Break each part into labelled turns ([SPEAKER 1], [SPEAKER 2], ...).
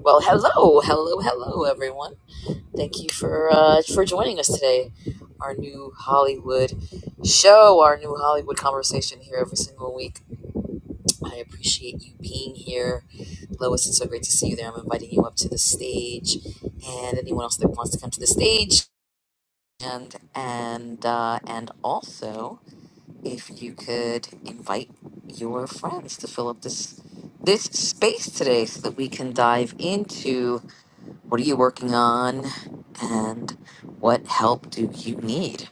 [SPEAKER 1] Well, hello, hello, hello, everyone. Thank you for uh, for joining us today. Our new Hollywood show, our new Hollywood conversation here every single week. I appreciate you being here, Lois. It's so great to see you there. I'm inviting you up to the stage, and anyone else that wants to come to the stage. And and uh, and also, if you could invite your friends to fill up this this space today, so that we can dive into what are you working on and what help do you need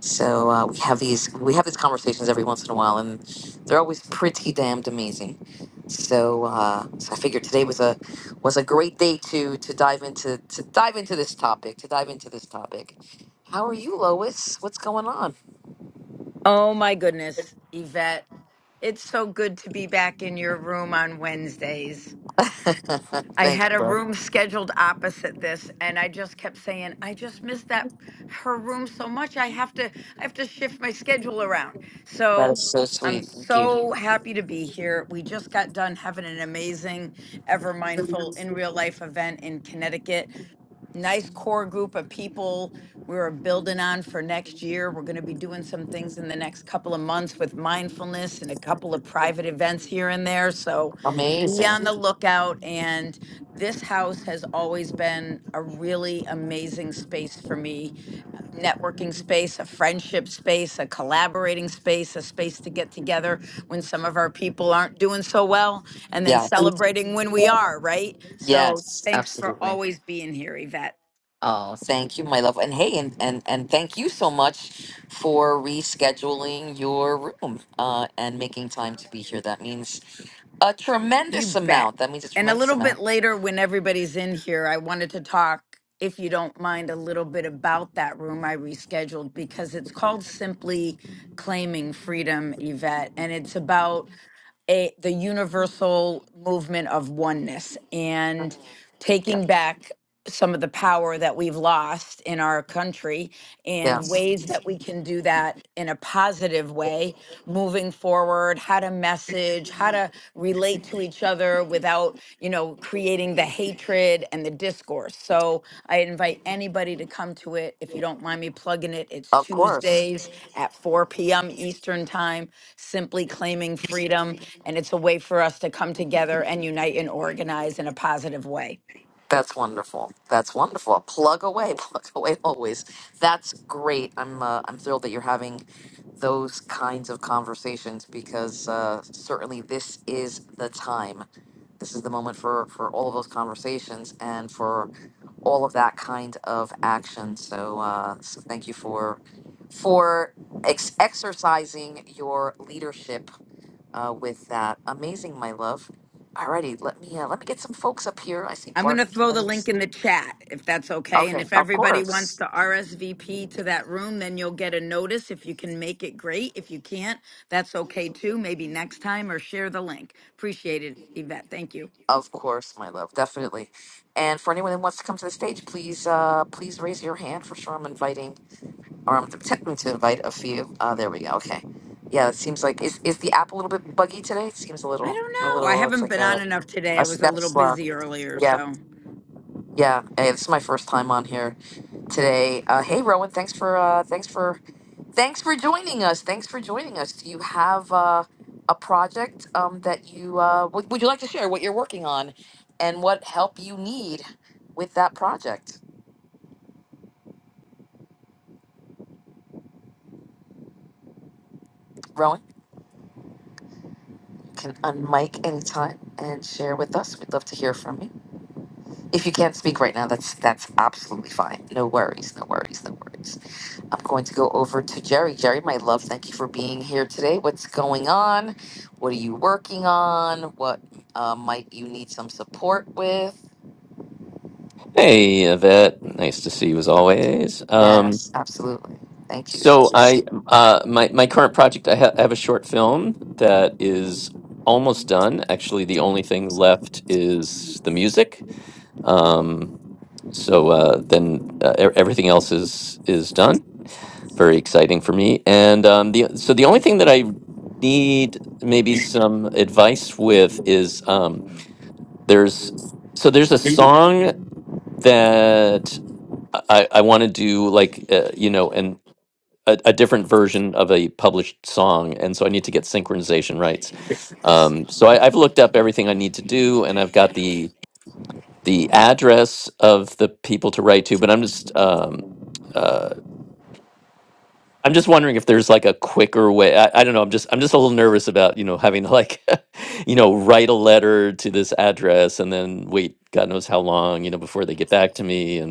[SPEAKER 1] so uh, we have these we have these conversations every once in a while and they're always pretty damned amazing so uh, so i figured today was a was a great day to to dive into to dive into this topic to dive into this topic how are you lois what's going on
[SPEAKER 2] Oh my goodness, Yvette. It's so good to be back in your room on Wednesdays. I
[SPEAKER 1] thank
[SPEAKER 2] had
[SPEAKER 1] you
[SPEAKER 2] a room scheduled opposite this and I just kept saying, I just miss that her room so much. I have to I have to shift my schedule around.
[SPEAKER 1] that
[SPEAKER 2] So
[SPEAKER 1] is so
[SPEAKER 2] I'm
[SPEAKER 1] sweet thank you
[SPEAKER 2] so happy to be here. We just got done having an amazing Ever Mindful in Real Life event in Connecticut nice core group of people we are building on for next year. We're going to be doing some things in the next couple of months with mindfulness and a couple of private events here and there. So be on the
[SPEAKER 1] amazing
[SPEAKER 2] lookout. And this house has always been a really amazing space for me networking space, a friendship space, a collaborating space, a space to get together when some of our people aren't doing so well, and then
[SPEAKER 1] yeah
[SPEAKER 2] celebrating when we are, right? So
[SPEAKER 1] yes
[SPEAKER 2] thanks for
[SPEAKER 1] absolutely
[SPEAKER 2] always being here, Yvette.
[SPEAKER 1] Oh, thank you, my love. And hey, and and and thank you so much for rescheduling your room uh, and making time to be here. That means a tremendous
[SPEAKER 2] You bet.
[SPEAKER 1] amount. That means a
[SPEAKER 2] And a
[SPEAKER 1] tremendous
[SPEAKER 2] little bit
[SPEAKER 1] amount.
[SPEAKER 2] later, when everybody's in here, I wanted to talk, if you don't mind, a little bit about that room I rescheduled because it's called Simply Claiming Freedom, Yvette. And it's about a the universal movement of oneness and
[SPEAKER 1] Yeah.
[SPEAKER 2] taking back some of the power that we've lost in our country and
[SPEAKER 1] Yes.
[SPEAKER 2] ways that we can do that in a positive way moving forward how to message how to relate to each other without you know creating the hatred and the discourse so i invite anybody to come to it if you don't mind me plugging it it's
[SPEAKER 1] Of course.
[SPEAKER 2] tuesdays at 4 p.m eastern time simply claiming freedom and it's a way for us to come together and unite and organize in a positive way.
[SPEAKER 1] That's wonderful. That's wonderful. Plug away. Plug away. Always. That's great. I'm uh, I'm thrilled that you're having those kinds of conversations because uh, certainly this is the time. this is the moment for for all of those conversations and for all of that kind of action so uh so thank you for for ex- exercising your leadership uh with that amazing my love alrighty let me uh, let me get some folks up here i see
[SPEAKER 2] I'm going
[SPEAKER 1] bart
[SPEAKER 2] to throw the link in the chat if that's okay. And
[SPEAKER 1] okay
[SPEAKER 2] if
[SPEAKER 1] of
[SPEAKER 2] everybody wants
[SPEAKER 1] course
[SPEAKER 2] to RSVP to that room, then you'll get a notice. If you can make it, great. If you can't, that's okay too. Maybe next time or share the link. Appreciate it, Yvette. Thank you.
[SPEAKER 1] of course my love definitely and for anyone who wants to come to the stage please uh please raise your hand for sure i'm inviting or I'm attempting to invite a few. Oh, there we go. Okay. Yeah, it seems like is is the app a little bit buggy today? It seems a
[SPEAKER 2] I
[SPEAKER 1] little a
[SPEAKER 2] don't know. I
[SPEAKER 1] little it's
[SPEAKER 2] haven't
[SPEAKER 1] like
[SPEAKER 2] been
[SPEAKER 1] a,
[SPEAKER 2] on enough today.
[SPEAKER 1] a
[SPEAKER 2] I was a
[SPEAKER 1] step
[SPEAKER 2] little
[SPEAKER 1] slow.
[SPEAKER 2] busy earlier,
[SPEAKER 1] Yeah.
[SPEAKER 2] so.
[SPEAKER 1] Yeah. Hey, this is my first time on here today. Uh, hey Rowan, thanks for uh thanks for thanks for joining us. Thanks for joining us. Do you have uh a project um that you uh would, would you like to share what you're working on and what help you need with that project? Rowan can unmic anytime and share with us. We'd love to hear from you. If you can't speak right now, that's that's absolutely fine. No worries, no worries, no worries. I'm going to go over to Jerry. Jerry, my love, thank you for being here today. What's going on? What are you working on? What uh, might you need some support with?
[SPEAKER 3] Hey, Yvette. Nice to see you as always. Um,
[SPEAKER 1] Yes, absolutely. Thank you.
[SPEAKER 3] so I, uh, my my current project, I, ha I have a short film that is almost done. Actually, the only thing left is the music. Um, so uh, then uh, e- everything else is is done. Very exciting for me. And um, the so the only thing that I need maybe some advice with is um, there's so there's a song that I, I want to do like uh, you know and a, a different version of a published song and so i need to get synchronization rights um, so I, i've looked up everything i need to do and i've got the the address of the people to write to but i'm just um, uh, i'm just wondering if there's like a quicker way I, I don't know i'm just i'm just a little nervous about you know having to like you know write a letter to this address and then wait god knows how long you know before they get back to me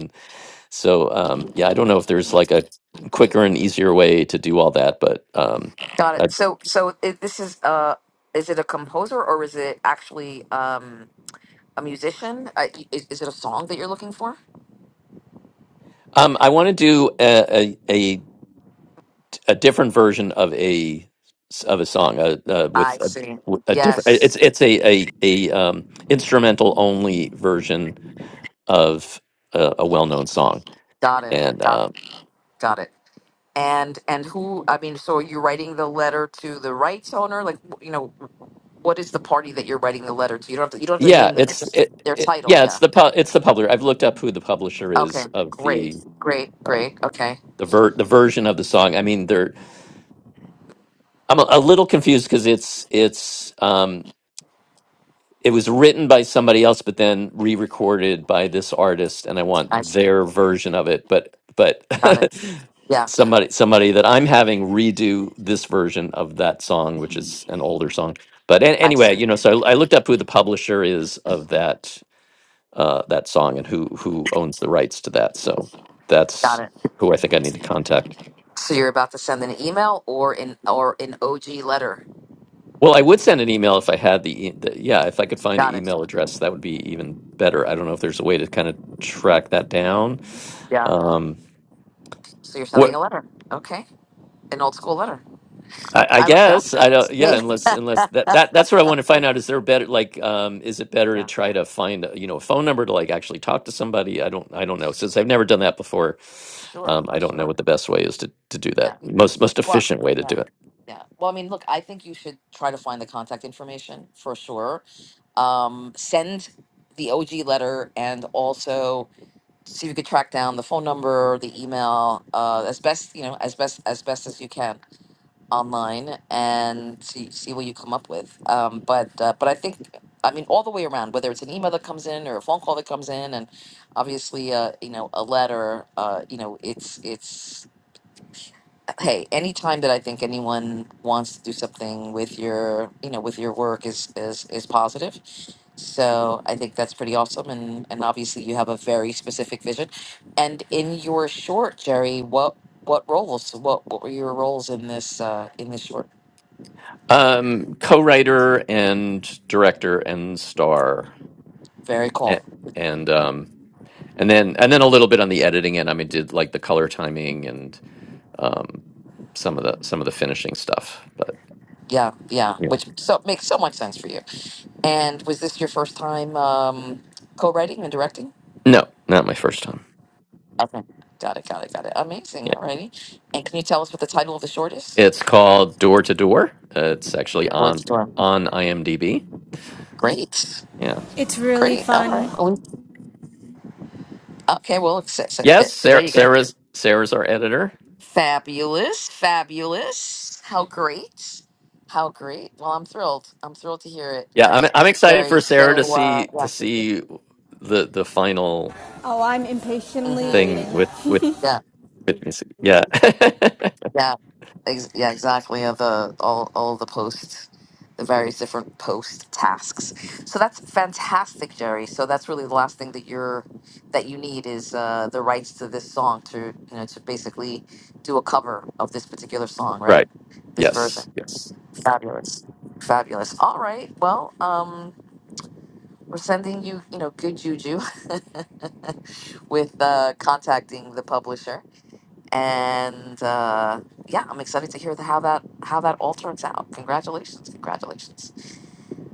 [SPEAKER 3] so um, yeah, I don't know if there's like a quicker and easier way to do all that, but um,
[SPEAKER 1] Got
[SPEAKER 3] I,
[SPEAKER 1] it. So, so it, this is uh, is it a composer or is it actually um a musician? Uh, y- is, is it a song that you're looking for?
[SPEAKER 3] um, I want to do a, a a a different version of a of a song uh, uh, with
[SPEAKER 1] I
[SPEAKER 3] a
[SPEAKER 1] see.
[SPEAKER 3] with a different. It's
[SPEAKER 1] Yes,
[SPEAKER 3] it's a a, a um, instrumental only version of a, a well known song,
[SPEAKER 1] got it.
[SPEAKER 3] and
[SPEAKER 1] Got
[SPEAKER 3] um,
[SPEAKER 1] it. Got it. And and who? I mean, so are you writing the letter to the rights owner? Like, you know, what is the party that you're writing the letter to? You don't have to. You don't have to
[SPEAKER 3] yeah,
[SPEAKER 1] name them. It's
[SPEAKER 3] it's
[SPEAKER 1] just
[SPEAKER 3] it,
[SPEAKER 1] their
[SPEAKER 3] it,
[SPEAKER 1] title.
[SPEAKER 3] yeah,
[SPEAKER 1] Yeah.
[SPEAKER 3] it's the pu- it's the publisher. I've looked up who the publisher
[SPEAKER 1] Okay.
[SPEAKER 3] is of
[SPEAKER 1] Great.
[SPEAKER 3] the
[SPEAKER 1] Great.
[SPEAKER 3] um,
[SPEAKER 1] Great. Okay.
[SPEAKER 3] the ver- the version of the song. I mean, there I'm a, a little confused because it's it's um, it was written by somebody else, but then re-recorded by this artist, and I
[SPEAKER 1] I
[SPEAKER 3] want
[SPEAKER 1] see.
[SPEAKER 3] their version of it. But but
[SPEAKER 1] got it. Yeah.
[SPEAKER 3] somebody somebody that I'm having redo this version of that song, which is an older song. But an-
[SPEAKER 1] I
[SPEAKER 3] anyway,
[SPEAKER 1] see.
[SPEAKER 3] you know, so I, I looked up who the publisher is of that uh, that song and who who owns the rights to that. So
[SPEAKER 1] Got
[SPEAKER 3] that's
[SPEAKER 1] it.
[SPEAKER 3] who I think I need to contact.
[SPEAKER 1] So you're about to send an email or an or an OG letter.
[SPEAKER 3] Well, I would send an email if I had the, e- the yeah, if I could find the
[SPEAKER 1] Got it.
[SPEAKER 3] email address, that would be even better. I don't know if there's a way to kind of track that down.
[SPEAKER 1] Yeah.
[SPEAKER 3] Um,
[SPEAKER 1] So you're sending
[SPEAKER 3] what
[SPEAKER 1] a letter. Okay. An old school letter.
[SPEAKER 3] I, I
[SPEAKER 1] I love that.
[SPEAKER 3] guess I don't, yeah, unless
[SPEAKER 1] Yeah.
[SPEAKER 3] unless that that that's what I want to find out. Is there better like um, is it better to
[SPEAKER 1] yeah.
[SPEAKER 3] try to find uh, you know a phone number to like actually talk to somebody? I don't I don't know since I've never done that before.
[SPEAKER 1] Sure.
[SPEAKER 3] Um, I don't know
[SPEAKER 1] Sure.
[SPEAKER 3] what the best way is to to do
[SPEAKER 1] Yeah.
[SPEAKER 3] that. Most most
[SPEAKER 1] Well,
[SPEAKER 3] efficient way to
[SPEAKER 1] yeah,
[SPEAKER 3] do it.
[SPEAKER 1] yeah. Well, I mean, look, I think you should try to find the contact information for sure. Um, send the OG letter and also see if you could track down the phone number, the email, uh, as best you know, as best as best as you can online, and see see what you come up with. Um, but uh, but I think. I mean, all the way around, whether it's an email that comes in or a phone call that comes in, and obviously, uh, you know, a letter. Uh, you know, it's it's hey, anytime that I think anyone wants to do something with your, you know, with your work is is is positive. So I think that's pretty awesome, and and obviously you have a very specific vision. And in your short, Jerry, what what roles? What what were your roles in this uh, in this short?
[SPEAKER 3] Um, co-writer and director and star,
[SPEAKER 1] Very
[SPEAKER 3] and,
[SPEAKER 1] cool.
[SPEAKER 3] and um, and then and then a little bit on the editing end. I mean, did like the color timing and um, some of the some of the finishing stuff. But
[SPEAKER 1] Yeah, yeah.
[SPEAKER 3] yeah,
[SPEAKER 1] Which so makes so much sense for you. And was this your first time um, co-writing and directing?
[SPEAKER 3] no, not my first time.
[SPEAKER 1] Okay. Got it. Got it. Got it. Amazing.
[SPEAKER 3] Yeah,
[SPEAKER 1] Alrighty. And can you tell us what the title of the short is?
[SPEAKER 3] it's called Door to Door. Uh, It's actually
[SPEAKER 1] Short
[SPEAKER 3] on
[SPEAKER 1] story.
[SPEAKER 3] on IMDb.
[SPEAKER 1] Great.
[SPEAKER 3] Yeah.
[SPEAKER 4] It's really
[SPEAKER 1] Great. All right.
[SPEAKER 4] fun.
[SPEAKER 1] Well, Okay. Well, it's, it's,
[SPEAKER 3] Yes,
[SPEAKER 1] it- there
[SPEAKER 3] Sarah,
[SPEAKER 1] you go.
[SPEAKER 3] Sarah's Sarah's our editor.
[SPEAKER 1] Fabulous. Fabulous. How great. How great. Well, I'm thrilled. I'm thrilled to hear it,
[SPEAKER 3] Yeah, I'm I'm excited
[SPEAKER 1] Jerry.
[SPEAKER 3] for Sarah to
[SPEAKER 1] So, uh,
[SPEAKER 3] see
[SPEAKER 1] yeah.
[SPEAKER 3] to see the the final
[SPEAKER 4] Oh, I'm impatiently
[SPEAKER 1] Mm-hmm.
[SPEAKER 3] thing
[SPEAKER 4] waiting.
[SPEAKER 3] with with
[SPEAKER 1] Yeah.
[SPEAKER 3] Rhythm is- Yeah.
[SPEAKER 1] Yeah, ex- yeah, exactly. Of the all all the posts, the various different post tasks. So that's fantastic, Jerry. So that's really the last thing that you're that you need is uh, the rights to this song to you know to basically do a cover of this particular song, right?
[SPEAKER 3] right.
[SPEAKER 1] This
[SPEAKER 3] Yes.
[SPEAKER 1] version.
[SPEAKER 3] Yes.
[SPEAKER 1] Fabulous, fabulous. All right. Well, um, we're sending you you know good juju with uh, contacting the publisher and uh, yeah, I'm excited to hear the, how that how that all turns out. Congratulations, congratulations.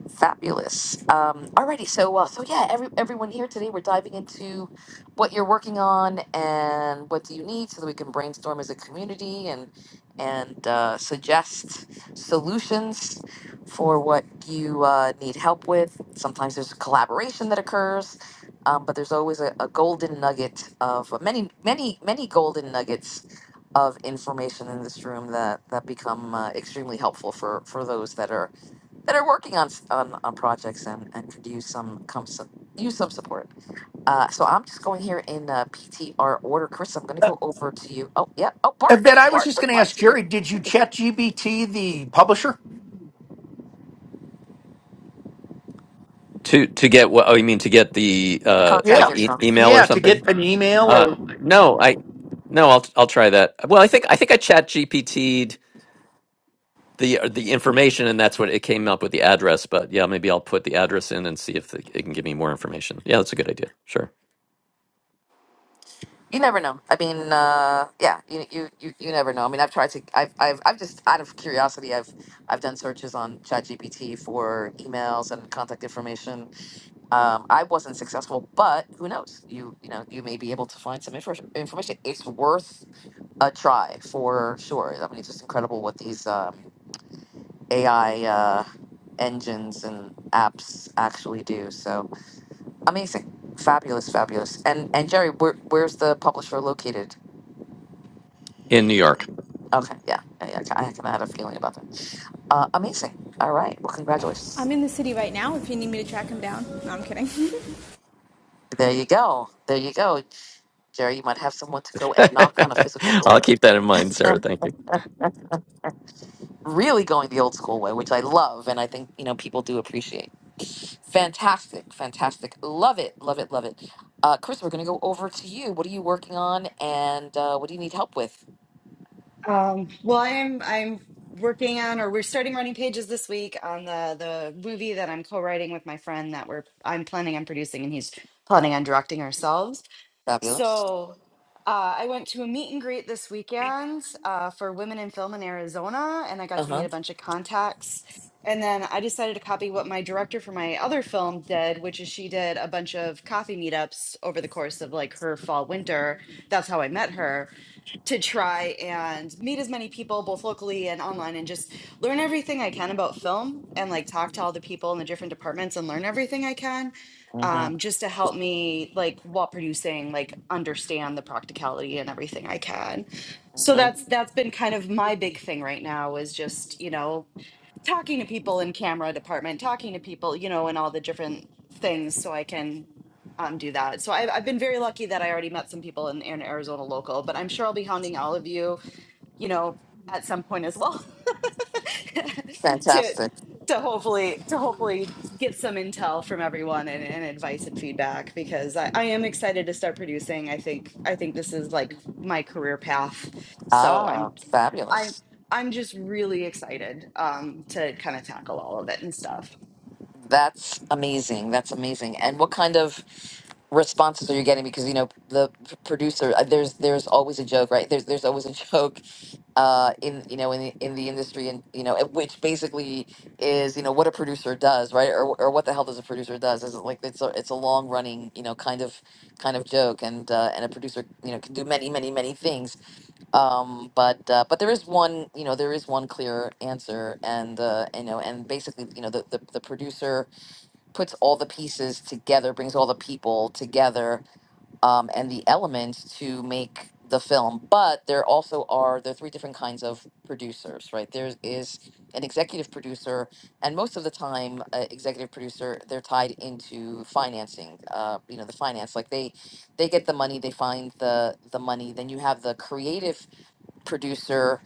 [SPEAKER 1] Fabulous. Um, alrighty, so uh, so yeah, every everyone here today, we're diving into what you're working on and what do you need, so that we can brainstorm as a community and and uh, suggest solutions for what you uh, need help with. Sometimes there's collaboration that occurs, um, but there's always a, a golden nugget of uh, many many many golden nuggets of information in this room that that become uh, extremely helpful for for those that are that are working on on, on projects and, and could use some come some, use some support. Uh, so I'm just going here in uh, PTR order, Chris. I'm going to
[SPEAKER 5] Uh,
[SPEAKER 1] go over to you. Oh yeah. Oh
[SPEAKER 5] of
[SPEAKER 1] Bart.
[SPEAKER 5] that, I was
[SPEAKER 1] Bart
[SPEAKER 5] just
[SPEAKER 1] would
[SPEAKER 5] going to
[SPEAKER 1] love
[SPEAKER 5] ask
[SPEAKER 1] to hear
[SPEAKER 5] Jerry, did you chat GBT, the publisher?
[SPEAKER 3] To to get what? Oh, you mean to get the uh
[SPEAKER 5] Yeah.
[SPEAKER 1] contact
[SPEAKER 3] like e-
[SPEAKER 1] info.
[SPEAKER 3] email or
[SPEAKER 5] Yeah, to
[SPEAKER 3] something?
[SPEAKER 5] get an email
[SPEAKER 3] Uh,
[SPEAKER 5] or.
[SPEAKER 3] no, I no, I'll I'll try that. Well, I think I think I chat GPT'd the uh, the information, and that's what it came up with the address. But yeah, maybe I'll put the address in and see if it it can give me more information. Yeah, that's a good idea. Sure.
[SPEAKER 1] You never know. I mean, uh, yeah, you, you you you never know. I mean, I've tried to. I've I've I've just out of curiosity, I've I've done searches on ChatGPT for emails and contact information. Um, I wasn't successful, but who knows? You you know you may be able to find some info, information. It's worth a try for sure. I mean, it's just incredible what these um, AI uh, engines and apps actually do. So amazing, fabulous, fabulous. And and Jerry, where, where's the publisher located?
[SPEAKER 3] In New York.
[SPEAKER 1] Okay, yeah, yeah, yeah, I kind of had a feeling about that. Uh, amazing. All right. Well, congratulations.
[SPEAKER 4] I'm in the city right now if you need me to track him down. No, I'm kidding.
[SPEAKER 1] There you go. There you go, Jerry. You might have someone to go and knock on a physical
[SPEAKER 3] I'll
[SPEAKER 1] door.
[SPEAKER 3] keep that in mind, Sarah. Thank you.
[SPEAKER 1] Really going the old school way, which I love, and I think you know people do appreciate. Fantastic, fantastic. Love it, love it, love it. Uh, Chris, we're going to go over to you. What are you working on and uh, what do you need help with?
[SPEAKER 6] Um, well, I'm I'm working on, or we're starting running pages this week on the the movie that I'm co-writing with my friend that we're I'm planning on producing, and he's planning on directing ourselves.
[SPEAKER 1] Fabulous.
[SPEAKER 6] So uh, I went to a meet and greet this weekend uh, for women in film in Arizona, and I got
[SPEAKER 1] Uh
[SPEAKER 6] to meet
[SPEAKER 1] huh.
[SPEAKER 6] a bunch of contacts. And then I decided to copy what my director for my other film did, which is she did a bunch of coffee meetups over the course of like her fall winter. That's how I met her to try and meet as many people both locally and online and just learn everything I can about film and like talk to all the people in the different departments and learn everything I can
[SPEAKER 1] Mm-hmm.
[SPEAKER 6] um, just to help me like while producing like understand the practicality and everything I can. So
[SPEAKER 1] Mm-hmm.
[SPEAKER 6] that's that's been kind of my big thing right now is just, you know, talking to people in camera department, talking to people, you know, and all the different things so I can um, do that. So I've, I've been very lucky that I already met some people in, in Arizona local, but I'm sure I'll be hounding all of you, you know, at some point as well to,
[SPEAKER 1] Fantastic.
[SPEAKER 6] to hopefully, to hopefully get some intel from everyone and, and advice and feedback, because I, I am excited to start producing. I think, I think this is like my career path. So I'm
[SPEAKER 1] Ah,
[SPEAKER 6] I'm
[SPEAKER 1] fabulous.
[SPEAKER 6] I'm just really excited um, to kind of tackle all of it and stuff.
[SPEAKER 1] That's amazing. That's amazing. And what kind of responses are you getting? Because you know the p- producer, uh, there's there's always a joke, right? There's there's always a joke uh, in you know in the, in the industry and you know it- which basically is you know what a producer does right or, or what the hell does a producer does is it like it's a it's a long running you know kind of kind of joke and uh, and a producer you know can do many many many things um, but uh, but there is one you know there is one clear answer and uh, you know and basically you know the, the, the producer puts all the pieces together brings all the people together um, and the elements to make the film. But there also are there are three different kinds of producers, right? There is an executive producer, and most of the time, uh, executive producer they're tied into financing. Uh, you know, the finance like they they get the money, they find the the money. Then you have the creative producer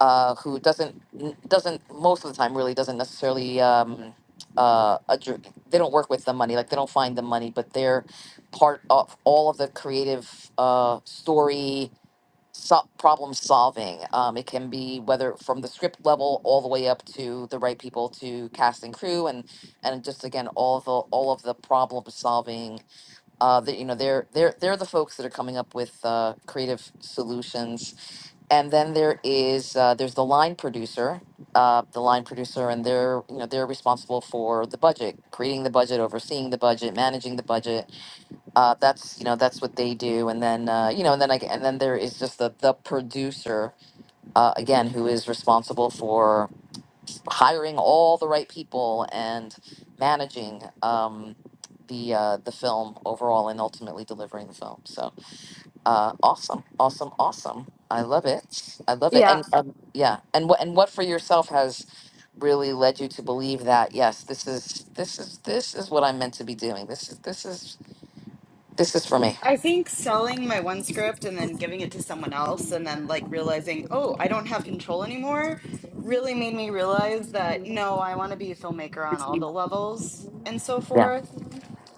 [SPEAKER 1] uh, who doesn't doesn't most of the time really doesn't necessarily um, uh, addr- they don't work with the money like they don't find the money but they're part of all of the creative uh, story so- problem solving um, it can be whether from the script level all the way up to the right people to cast and crew and and just again all the all of the problem solving uh, that you know they're they're they're the folks that are coming up with uh, creative solutions and then there is uh, there's the line producer uh, the line producer and they're you know they're responsible for the budget creating the budget overseeing the budget managing the budget uh, that's you know that's what they do and then uh, you know and then I, and then there is just the the producer uh, again who is responsible for hiring all the right people and managing um, the uh, the film overall and ultimately delivering the film. So uh, awesome, awesome, awesome! I love it. I love it. And
[SPEAKER 6] Yeah.
[SPEAKER 1] um, yeah, and what and what for yourself has really led you to believe that yes, this is this is this is what I'm meant to be doing. This is this is this is for me.
[SPEAKER 6] I think selling my one script and then giving it to someone else and then like realizing, oh, I don't have control anymore really made me realize that no, I want to be a filmmaker on all the levels and so
[SPEAKER 1] Yeah,
[SPEAKER 6] forth.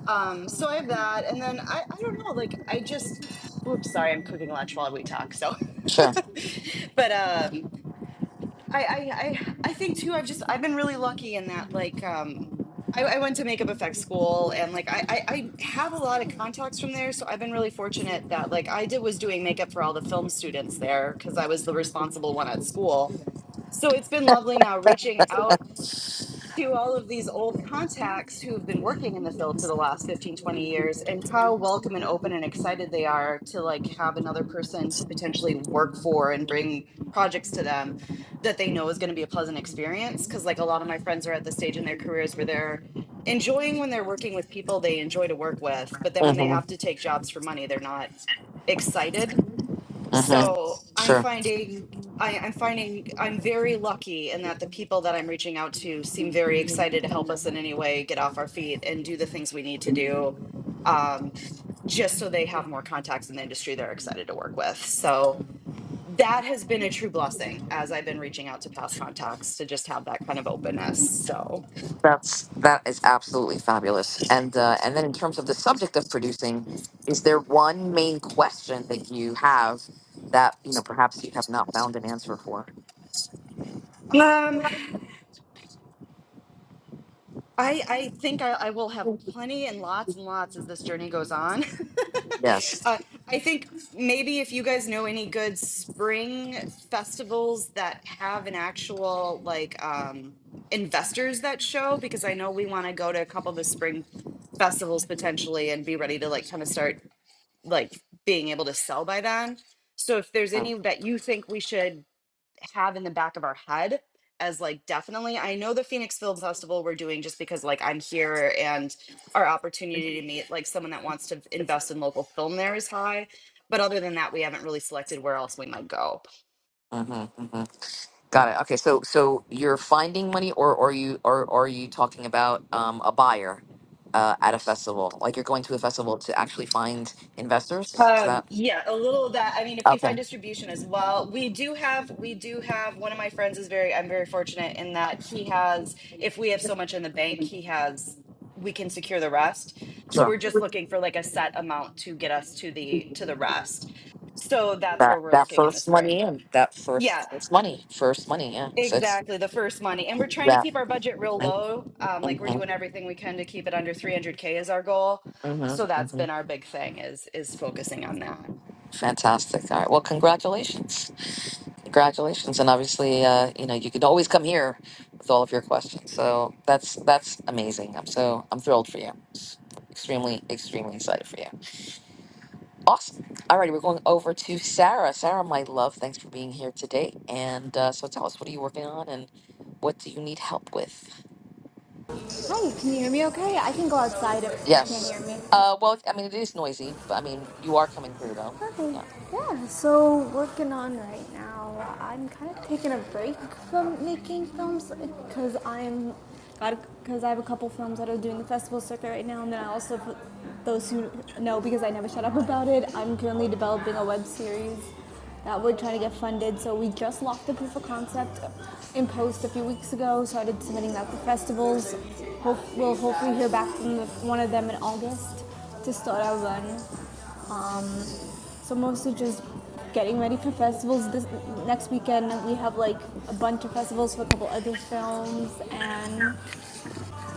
[SPEAKER 6] Um, so I have that. And then I, I don't know, like I just, oops, sorry, I'm cooking lunch while we talk. So,
[SPEAKER 1] sure.
[SPEAKER 6] but um, I, I I I think too. I've just I've been really lucky in that. Like, um, I, I went to makeup effects school, and like I, I I have a lot of contacts from there. So I've been really fortunate that like I did was doing makeup for all the film students there because I was the responsible one at school. So it's been lovely now reaching out to all of these old contacts who've been working in the field for the last 15 20 years and how welcome and open and excited they are to like have another person to potentially work for and bring projects to them that they know is going to be a pleasant experience because like a lot of my friends are at the stage in their careers where they're enjoying when they're working with people they enjoy to work with but then when they
[SPEAKER 1] Mm-hmm.
[SPEAKER 6] have to take jobs for money they're not excited
[SPEAKER 1] Mm-hmm.
[SPEAKER 6] so i'm
[SPEAKER 1] Sure.
[SPEAKER 6] finding I, i'm finding i'm very lucky in that the people that i'm reaching out to seem very excited to help us in any way get off our feet and do the things we need to do um, just so they have more contacts in the industry they're excited to work with so that has been a true blessing as i've been reaching out to past contacts to just have that kind of openness so
[SPEAKER 1] That's that is absolutely fabulous. And uh, and then in terms of the subject of producing, is there one main question that you have that you know perhaps you have not found an answer for?
[SPEAKER 6] um I I think I, I will have plenty and lots and lots as this journey goes on.
[SPEAKER 1] Yes.
[SPEAKER 6] uh, I think maybe if you guys know any good spring festivals that have an actual like um, investors that show, because I know we want to go to a couple of the spring festivals potentially and be ready to like kind of start like being able to sell by then. So if there's any
[SPEAKER 1] Mm-hmm,
[SPEAKER 6] that you think we should have in the back of our head as like definitely I know the Phoenix Film Festival we're doing just because like I'm here and our opportunity to meet like someone that wants to invest in local film there is high. But other than that, we haven't really selected where else we might go.
[SPEAKER 1] hmm Got it. Okay. So so you're finding money, or or you or, or are you talking about um, a buyer uh, at a festival? Like you're going to a festival to actually find investors? Is
[SPEAKER 6] Um,
[SPEAKER 1] that
[SPEAKER 6] yeah, a little of that. I mean, if we
[SPEAKER 1] okay?
[SPEAKER 6] find distribution as well, we do have, we do have, one of my friends is very, I'm very fortunate in that he has, if we have so much in the bank, he has, we can secure the rest. So
[SPEAKER 1] Sure.
[SPEAKER 6] we're just looking for like a set amount to get us to the, to the rest. So that's
[SPEAKER 1] That
[SPEAKER 6] where we're
[SPEAKER 1] that
[SPEAKER 6] looking in the
[SPEAKER 1] first
[SPEAKER 6] spring.
[SPEAKER 1] money in that
[SPEAKER 6] Yeah,
[SPEAKER 1] first first money first money. Yeah. So it's
[SPEAKER 6] exactly. The first money. And we're trying to
[SPEAKER 1] that.
[SPEAKER 6] keep our budget real low. Um, like we're
[SPEAKER 1] hmm
[SPEAKER 6] doing everything we can to keep it under 300K is our goal. So that's
[SPEAKER 1] hmm
[SPEAKER 6] been our big thing is, is focusing on that.
[SPEAKER 1] Fantastic. All right. Well, congratulations. Congratulations. And obviously, uh, you know, you can always come here with all of your questions. So that's that's amazing. I'm so I'm thrilled for you. Extremely, extremely excited for you. Awesome. All righty, we're going over to Sarah. Sarah, my love, thanks for being here today. And uh, so tell us, what are you working on and what do you need help with?
[SPEAKER 4] Hi, can you hear me okay? I can go outside if you can't hear me.
[SPEAKER 1] Yes. Uh, well, I mean, it is noisy, but I mean, you are coming through though.
[SPEAKER 4] Okay.
[SPEAKER 1] Yeah.
[SPEAKER 4] Yeah, so working on right now. I'm kind of taking a break from making films because I'm got because I have a couple films that are doing the festival circuit right now, and then I also, for those who know because I never shut up about it, I'm currently developing a web series that we're trying to get funded. So we just locked the proof of concept in post a few weeks ago. Started submitting that to festivals. Hope, we'll hopefully hear back from the, one of them in August to start our run. Um, so mostly just getting ready for festivals. This next weekend we have like a bunch of festivals for a couple other films, and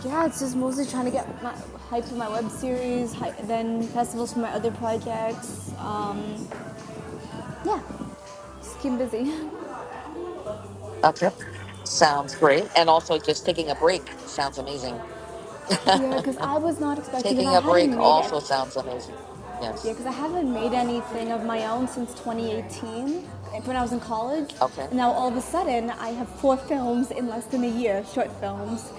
[SPEAKER 4] yeah, it's just mostly trying to get my hype for my web series, hy then festivals for my other projects. Um, yeah, just keep busy.
[SPEAKER 1] Okay. Sounds great. And also just taking a break sounds amazing.
[SPEAKER 4] yeah, because I was not expecting because
[SPEAKER 1] taking
[SPEAKER 4] I
[SPEAKER 1] a break
[SPEAKER 4] hadn't made it.
[SPEAKER 1] also sounds amazing.
[SPEAKER 4] Yeah,
[SPEAKER 1] Yes.
[SPEAKER 4] because I haven't made
[SPEAKER 1] hmm
[SPEAKER 4] anything of my own since 2018 when I was in college.
[SPEAKER 1] Okay.
[SPEAKER 4] And now all of a sudden, I have four films in less than a year, short films.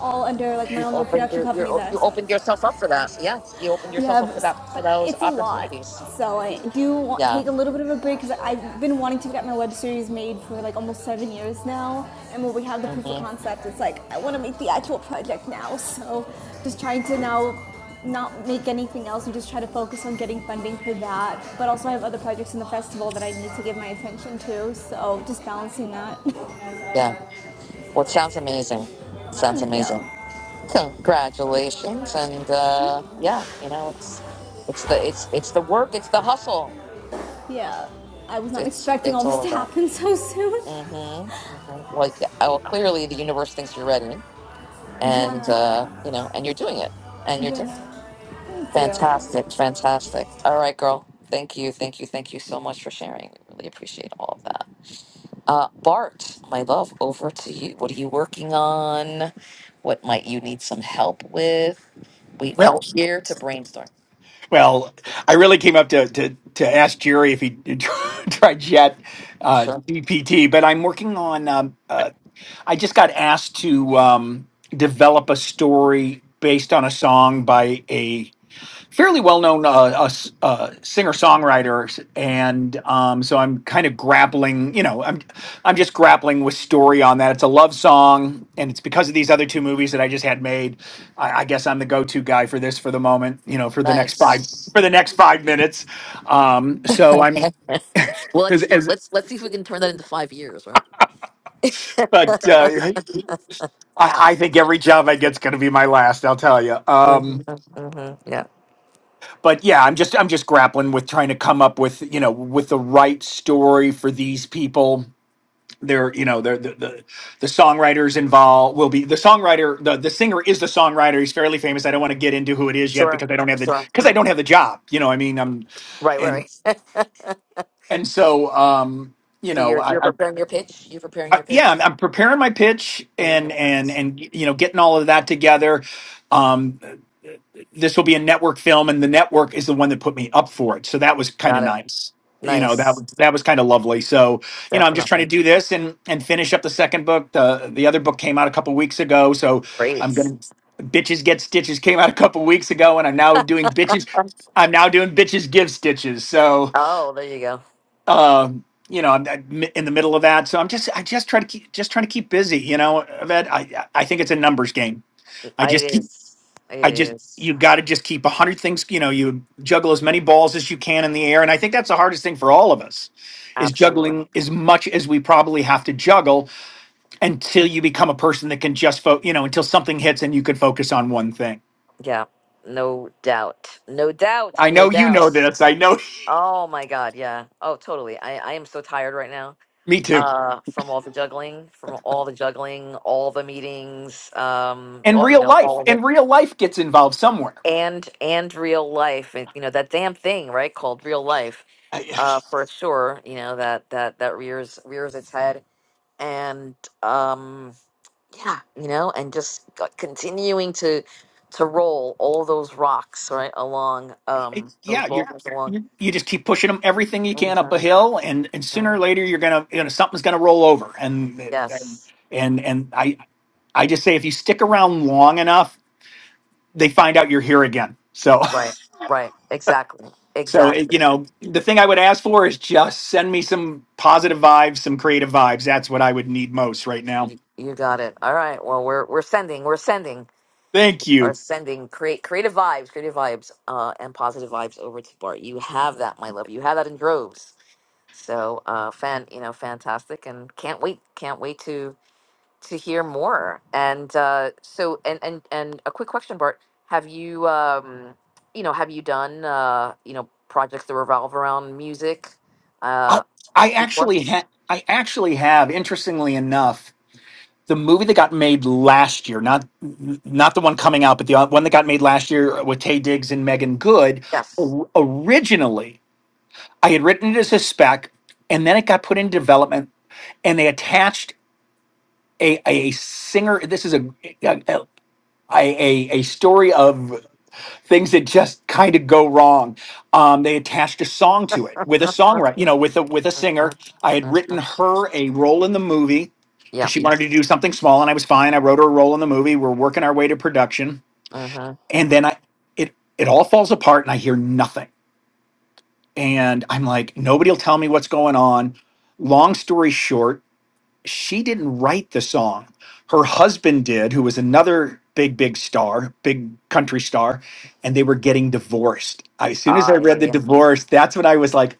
[SPEAKER 4] all under like my
[SPEAKER 1] You
[SPEAKER 4] own little
[SPEAKER 1] opened
[SPEAKER 4] production
[SPEAKER 1] your,
[SPEAKER 4] company
[SPEAKER 1] your
[SPEAKER 4] that I
[SPEAKER 1] you
[SPEAKER 4] started.
[SPEAKER 1] opened yourself up for that. Yeah. You opened yourself
[SPEAKER 4] Yeah,
[SPEAKER 1] up for
[SPEAKER 4] but,
[SPEAKER 1] that for
[SPEAKER 4] but
[SPEAKER 1] those
[SPEAKER 4] it's a lot.
[SPEAKER 1] opportunities.
[SPEAKER 4] So I do want,
[SPEAKER 1] Yeah.
[SPEAKER 4] take a little bit of a break because I've been wanting to get my web series made for like almost seven years now. And when we have the proof of
[SPEAKER 1] hmm
[SPEAKER 4] concept, it's like I want to make the actual project now. So just trying to now not make anything else and just try to focus on getting funding for that. But also I have other projects in the festival that I need to give my attention to. So just balancing that.
[SPEAKER 1] Yeah. Well, it sounds amazing. Sounds
[SPEAKER 4] Thank you.
[SPEAKER 1] amazing. Congratulations. And uh, yeah, you know, it's it's the it's it's the work, it's the hustle.
[SPEAKER 4] Yeah, I was not
[SPEAKER 1] It's
[SPEAKER 4] expecting
[SPEAKER 1] it's
[SPEAKER 4] all this
[SPEAKER 1] all of
[SPEAKER 4] to
[SPEAKER 1] that.
[SPEAKER 4] happen so soon.
[SPEAKER 1] Mm-hmm. mm-hmm. Like, oh, clearly the universe thinks you're ready, and uh,
[SPEAKER 4] Yeah,
[SPEAKER 1] you know, and you're doing it, and you're
[SPEAKER 4] yeah.
[SPEAKER 1] doing
[SPEAKER 4] Thank you.
[SPEAKER 1] fantastic, fantastic. All right, girl. Thank you, thank you, thank you so much for sharing. I really appreciate all of that. Uh, Bart, my love, over to you. What are you working on? What might you need some help with? We are
[SPEAKER 5] Well,
[SPEAKER 1] here to brainstorm.
[SPEAKER 5] well, I really came up to, to, to ask Jerry if he tried chat uh,
[SPEAKER 1] Sure.
[SPEAKER 5] GPT, but I'm working on. Um, uh, I just got asked to um, develop a story based on a song by a fairly well-known uh, uh, uh, singer-songwriter, and um, so I'm kind of grappling. You know, I'm I'm just grappling with story on that. It's a love song, and it's because of these other two movies that I just had made. I, I guess I'm the go-to guy for this for the moment. You know, for the next
[SPEAKER 1] Nice.
[SPEAKER 5] five for the next five minutes. Um, so I'm
[SPEAKER 1] Well,
[SPEAKER 5] as,
[SPEAKER 1] let's
[SPEAKER 5] as
[SPEAKER 1] let's let's see if we can turn that into five years, right?
[SPEAKER 5] but uh, I, I think every job I get's going to be my last. I'll tell
[SPEAKER 1] hmm
[SPEAKER 5] you.
[SPEAKER 1] hmm Yeah.
[SPEAKER 5] but yeah, I'm just I'm just grappling with trying to come up with you know with the right story for these people. They're you know they're the the, the songwriters involved will be the songwriter the the singer is the songwriter. He's fairly famous. I don't want to get into who it is yet
[SPEAKER 1] Sure.
[SPEAKER 5] because I don't have the
[SPEAKER 1] Sure.
[SPEAKER 5] because I don't have the job. You know I mean I'm
[SPEAKER 1] Right,
[SPEAKER 5] and
[SPEAKER 1] right. right.
[SPEAKER 5] and so um you
[SPEAKER 1] so
[SPEAKER 5] know
[SPEAKER 1] you're you're
[SPEAKER 5] I. I
[SPEAKER 1] preparing your pitch. You're preparing
[SPEAKER 5] I,
[SPEAKER 1] your
[SPEAKER 5] yeah,
[SPEAKER 1] pitch.
[SPEAKER 5] I'm, I'm preparing my pitch and
[SPEAKER 1] Mhm.
[SPEAKER 5] and and you know getting all of that together. Um, this will be a network film and the network is the one that put me up for it so that was kind of
[SPEAKER 1] Got it.
[SPEAKER 5] nice you know that
[SPEAKER 1] Nice.
[SPEAKER 5] was that was kind of lovely so you know i'm just trying
[SPEAKER 1] Definitely.
[SPEAKER 5] to do this and and finish up the second book the the other book came out a couple weeks ago so
[SPEAKER 1] Great.
[SPEAKER 5] i'm gonna bitches get stitches came out a couple weeks ago and i'm now doing bitches
[SPEAKER 1] Um,
[SPEAKER 5] i'm now doing bitches give stitches so
[SPEAKER 1] Oh, there you go.
[SPEAKER 5] um you know, I'm I'm in the middle of that, so I'm just I just try to keep just trying to keep busy. You know, Ved, I I think it's a numbers game. I just
[SPEAKER 1] It
[SPEAKER 5] keep
[SPEAKER 1] is. It
[SPEAKER 5] I just
[SPEAKER 1] is.
[SPEAKER 5] you got to just keep a hundred things. You know, you juggle as many balls as you can in the air, and I think that's the hardest thing for all of us is
[SPEAKER 1] Absolutely.
[SPEAKER 5] juggling as much as we probably have to juggle until you become a person that can just fo- you know until something hits and you can focus on one thing.
[SPEAKER 1] Yeah. No doubt. No doubt.
[SPEAKER 5] I
[SPEAKER 1] No
[SPEAKER 5] know you
[SPEAKER 1] doubt.
[SPEAKER 5] know this. I know
[SPEAKER 1] Oh my God. Yeah. Oh, totally. I, I am so tired right now.
[SPEAKER 5] me too.
[SPEAKER 1] Uh, from all the juggling, from all the juggling, all the meetings, um,
[SPEAKER 5] And
[SPEAKER 1] all, you
[SPEAKER 5] real
[SPEAKER 1] know,
[SPEAKER 5] life,
[SPEAKER 1] all of it
[SPEAKER 5] and real life gets involved somewhere.
[SPEAKER 1] and and real life and you know that damn thing right called real life
[SPEAKER 5] I-
[SPEAKER 1] uh for sure you know that that that rears rears its head and um yeah you know and just c- continuing to to roll all those rocks right along
[SPEAKER 5] I-
[SPEAKER 1] um those
[SPEAKER 5] yeah, you're.
[SPEAKER 1] boulders along
[SPEAKER 5] You you just keep pushing them everything you can up a
[SPEAKER 1] Mhm,
[SPEAKER 5] hill, and, and sooner or
[SPEAKER 1] mhm.
[SPEAKER 5] later you're gonna you know something's gonna roll over, and and
[SPEAKER 1] yes
[SPEAKER 5] and and I I just say if you stick around long enough, they find out you're here again. So,
[SPEAKER 1] right right exactly
[SPEAKER 5] so it, you
[SPEAKER 1] exactly
[SPEAKER 5] know, the thing I would ask for is just send me some positive vibes, some creative vibes. That's what I would need most right now.
[SPEAKER 1] you, you got it all right well we're we're sending we're sending
[SPEAKER 5] Thank
[SPEAKER 1] are
[SPEAKER 5] you.
[SPEAKER 1] sending create creative vibes, creative vibes, uh, and positive vibes over to Bart. You have that, my love. You have that in droves. So, uh, fan, you know, fantastic, and can't wait, can't wait to to hear more. And uh, so, and and and a quick question, Bart. Have you, um, you know, have you done, uh, you know, projects that revolve around music
[SPEAKER 5] I,
[SPEAKER 1] uh,
[SPEAKER 5] I
[SPEAKER 1] before?
[SPEAKER 5] actually ha- I actually have, interestingly enough, the movie that got made last year, not not the one coming out, but the uh, one that got made last year with Tay Diggs and Megan Good.
[SPEAKER 1] Yes.
[SPEAKER 5] o- Originally, I had written it as a spec, and then it got put in development and they attached a a singer. This is a a, a, a story of things that just kind of go wrong. Um, they attached a song to it with a songwriter, you know, with a with a singer.
[SPEAKER 1] Mhm,
[SPEAKER 5] I had written
[SPEAKER 1] mhm.
[SPEAKER 5] her a role in the movie because
[SPEAKER 1] Yeah.
[SPEAKER 5] she wanted to do something small, and I was fine. I wrote her a role in the movie. We're working our way to production,
[SPEAKER 1] hmm
[SPEAKER 5] and then I it it all falls apart, and I hear nothing. And I'm like, nobody will tell me what's going on. Long story short, she didn't write the song. Her husband did, who was another big, big star, big country star, and they were getting divorced. As soon as I read the
[SPEAKER 1] I
[SPEAKER 5] divorce, that's when I was like,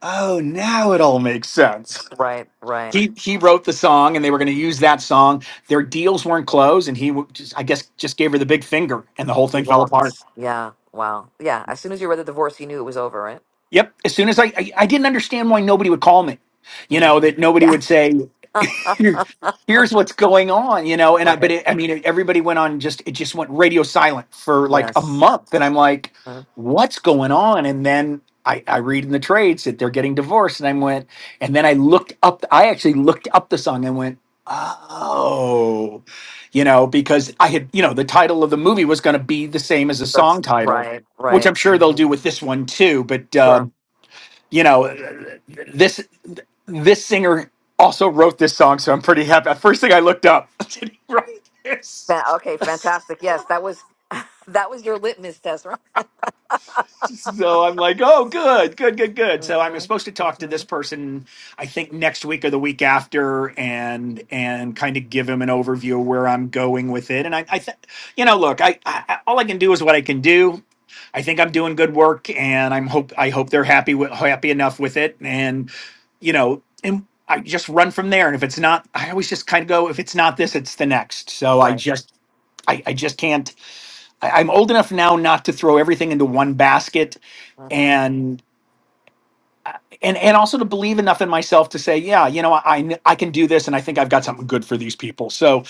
[SPEAKER 5] oh, now it all makes sense.
[SPEAKER 1] right, right.
[SPEAKER 5] He, he wrote the song and they were going to use that song. Their deals weren't closed, and he, w- just, I guess, just gave her the big finger and the whole
[SPEAKER 1] He
[SPEAKER 5] thing fell apart.
[SPEAKER 1] walked. Yeah. Wow. Yeah. As soon as you read the divorce, you knew it was over, right?
[SPEAKER 5] Yep. As soon as I, I, I didn't understand why nobody would call me, you know,
[SPEAKER 1] hmm
[SPEAKER 5] that nobody
[SPEAKER 1] Yeah.
[SPEAKER 5] would say, here's what's going on, you know. And I, but
[SPEAKER 1] right.
[SPEAKER 5] it, I mean, it, everybody went on just it just went radio silent for like a
[SPEAKER 1] Yes.
[SPEAKER 5] month, and I'm like,
[SPEAKER 1] Mhm.
[SPEAKER 5] what's going on? And then I, I read in the trades that they're getting divorced, and I went, and then I looked up. I actually looked up the song and went, oh, you know, because I had, you know, the title of the movie was going to be the same as the
[SPEAKER 1] That's
[SPEAKER 5] song title.
[SPEAKER 1] right.
[SPEAKER 5] Which
[SPEAKER 1] Right.
[SPEAKER 5] I'm sure they'll
[SPEAKER 1] hmm
[SPEAKER 5] do with this one too, but um,
[SPEAKER 1] Sure.
[SPEAKER 5] you know this this singer also wrote this song so i'm pretty happy first thing i looked up did he write
[SPEAKER 1] Fa- okay.
[SPEAKER 5] this
[SPEAKER 1] Fantastic. Yes. That was that was your litmus test, right?
[SPEAKER 5] So I'm like, oh, good, good, good, good.
[SPEAKER 1] hmm
[SPEAKER 5] So I'm supposed to talk to
[SPEAKER 1] hmm
[SPEAKER 5] this person, I think next week or the week after, and and kind of give him an overview of where I'm going with it. And I, I think, you know, look, I, I all I can do is what I can do. I think I'm doing good work, and I'm hope I hope they're happy with happy enough with it, and you know, and I just run from there. And if it's not, I always just kind of go, if it's not this, it's the next. So I
[SPEAKER 1] Right.
[SPEAKER 5] just I, I just can't. I, I'm old enough now not to throw everything into one basket,
[SPEAKER 1] hmm
[SPEAKER 5] and and and also to believe enough in myself to say, yeah, you know, I I I can do this, and I think I've got something good for these people. So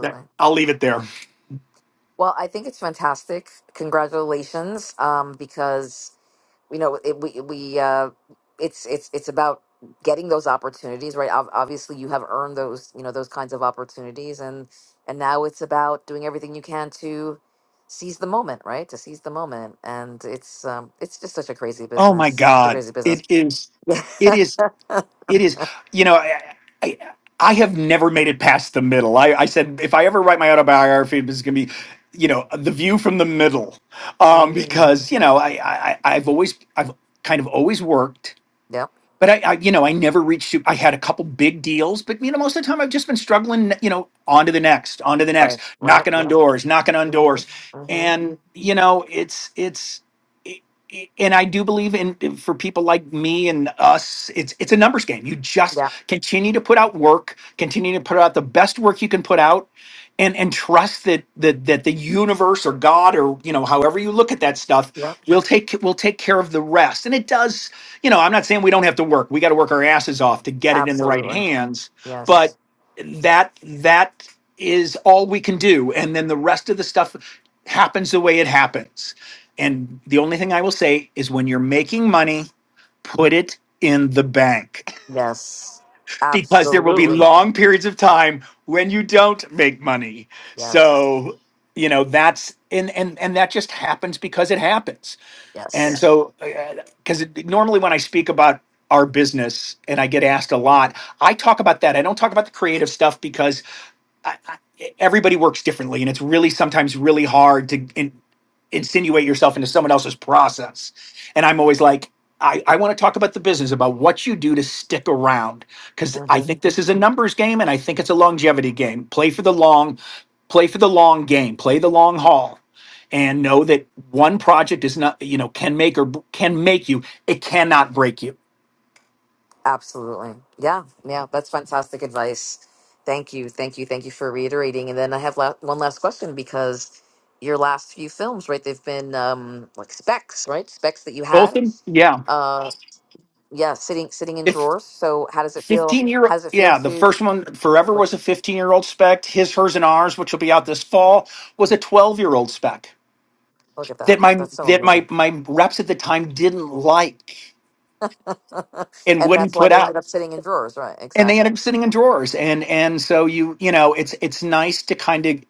[SPEAKER 5] that I'll leave it there.
[SPEAKER 1] Well, I think it's fantastic. Congratulations, um, because you know it, we we uh it's it's it's about getting those opportunities right Ob- obviously you have earned those you know those kinds of opportunities and and now it's about doing everything you can to seize the moment right to seize the moment and it's um it's just such a crazy
[SPEAKER 5] Oh my
[SPEAKER 1] business such a
[SPEAKER 5] God,
[SPEAKER 1] crazy business
[SPEAKER 5] it is,
[SPEAKER 1] yeah
[SPEAKER 5] it is, it is. You know, I. I I have never made it past the middle. I, I said if I ever write my autobiography, it's going to be, you know, the view from the middle, um,
[SPEAKER 1] mm
[SPEAKER 5] because you know I, I I- I've always I've kind of always worked,
[SPEAKER 1] yep
[SPEAKER 5] but I, I you know i never reached to. i had a couple big deals but you know most of the time i've just been struggling you know on to the next on to the next
[SPEAKER 1] right right
[SPEAKER 5] knocking on
[SPEAKER 1] yep
[SPEAKER 5] doors knocking on
[SPEAKER 1] mhm
[SPEAKER 5] doors
[SPEAKER 1] mhm
[SPEAKER 5] and you know it's it's i- i- and I do believe in for people like me and us, it's it's a numbers game. You just
[SPEAKER 1] yeah
[SPEAKER 5] continue to put out work, continue to put out the best work you can put out, and and trust that that that the universe or God or you know however you look at that stuff
[SPEAKER 1] yep
[SPEAKER 5] will take will take care of the rest. And it does. You know, I'm not saying we don't have to work. We got to work our asses off to get it in the right
[SPEAKER 1] absolutely
[SPEAKER 5] hands, but
[SPEAKER 1] yes
[SPEAKER 5] that that is all we can do. And then the rest of the stuff happens the way it happens. And the only thing I will say is when you're making money, put it in the bank
[SPEAKER 1] yes
[SPEAKER 5] because there will be
[SPEAKER 1] absolutely
[SPEAKER 5] long periods of time when you don't make money.
[SPEAKER 1] yes
[SPEAKER 5] So, you know, that's and and and that just happens because it happens. And Yeah.
[SPEAKER 1] yes
[SPEAKER 5] so cuz normally when I speak about our business and I get asked a lot, I talk about that. I don't talk about the creative stuff because I, I, everybody works differently, and it's really sometimes really hard to in, insinuate yourself into someone else's process. And I'm always like, I, I want to talk about the business, about what you do to stick around, because I
[SPEAKER 1] Mm-hmm.
[SPEAKER 5] think this is a numbers game, and I think it's a longevity game. Play for the long, play for the long game, play the long haul, and know that one project is not, you know, can make or b- can make you. It cannot break you.
[SPEAKER 1] Absolutely. Yeah. Yeah. That's fantastic advice. Thank you. Thank you. Thank you for reiterating. And then I have la- one last question because your last few films, right? They've been um, like specs, right? Specs that you
[SPEAKER 5] Both of
[SPEAKER 1] had.
[SPEAKER 5] them, yeah.
[SPEAKER 1] Uh, yeah. Sitting sitting in drawers. So how does it feel?
[SPEAKER 5] 15 year
[SPEAKER 1] How does it feel
[SPEAKER 5] yeah the
[SPEAKER 1] to
[SPEAKER 5] first one forever
[SPEAKER 1] look?
[SPEAKER 5] was a 15 year old spec his hers and ours which will be out this fall was a 12 year old spec
[SPEAKER 1] Look at that.
[SPEAKER 5] that my
[SPEAKER 1] That's so
[SPEAKER 5] that my
[SPEAKER 1] amazing.
[SPEAKER 5] my reps at the time didn't like and
[SPEAKER 1] and that's
[SPEAKER 5] wouldn't
[SPEAKER 1] why
[SPEAKER 5] put
[SPEAKER 1] they ended
[SPEAKER 5] out
[SPEAKER 1] up sitting in drawers, right?
[SPEAKER 5] and they
[SPEAKER 1] Exactly.
[SPEAKER 5] ended up sitting in drawers and and so you you know it's it's nice to kind of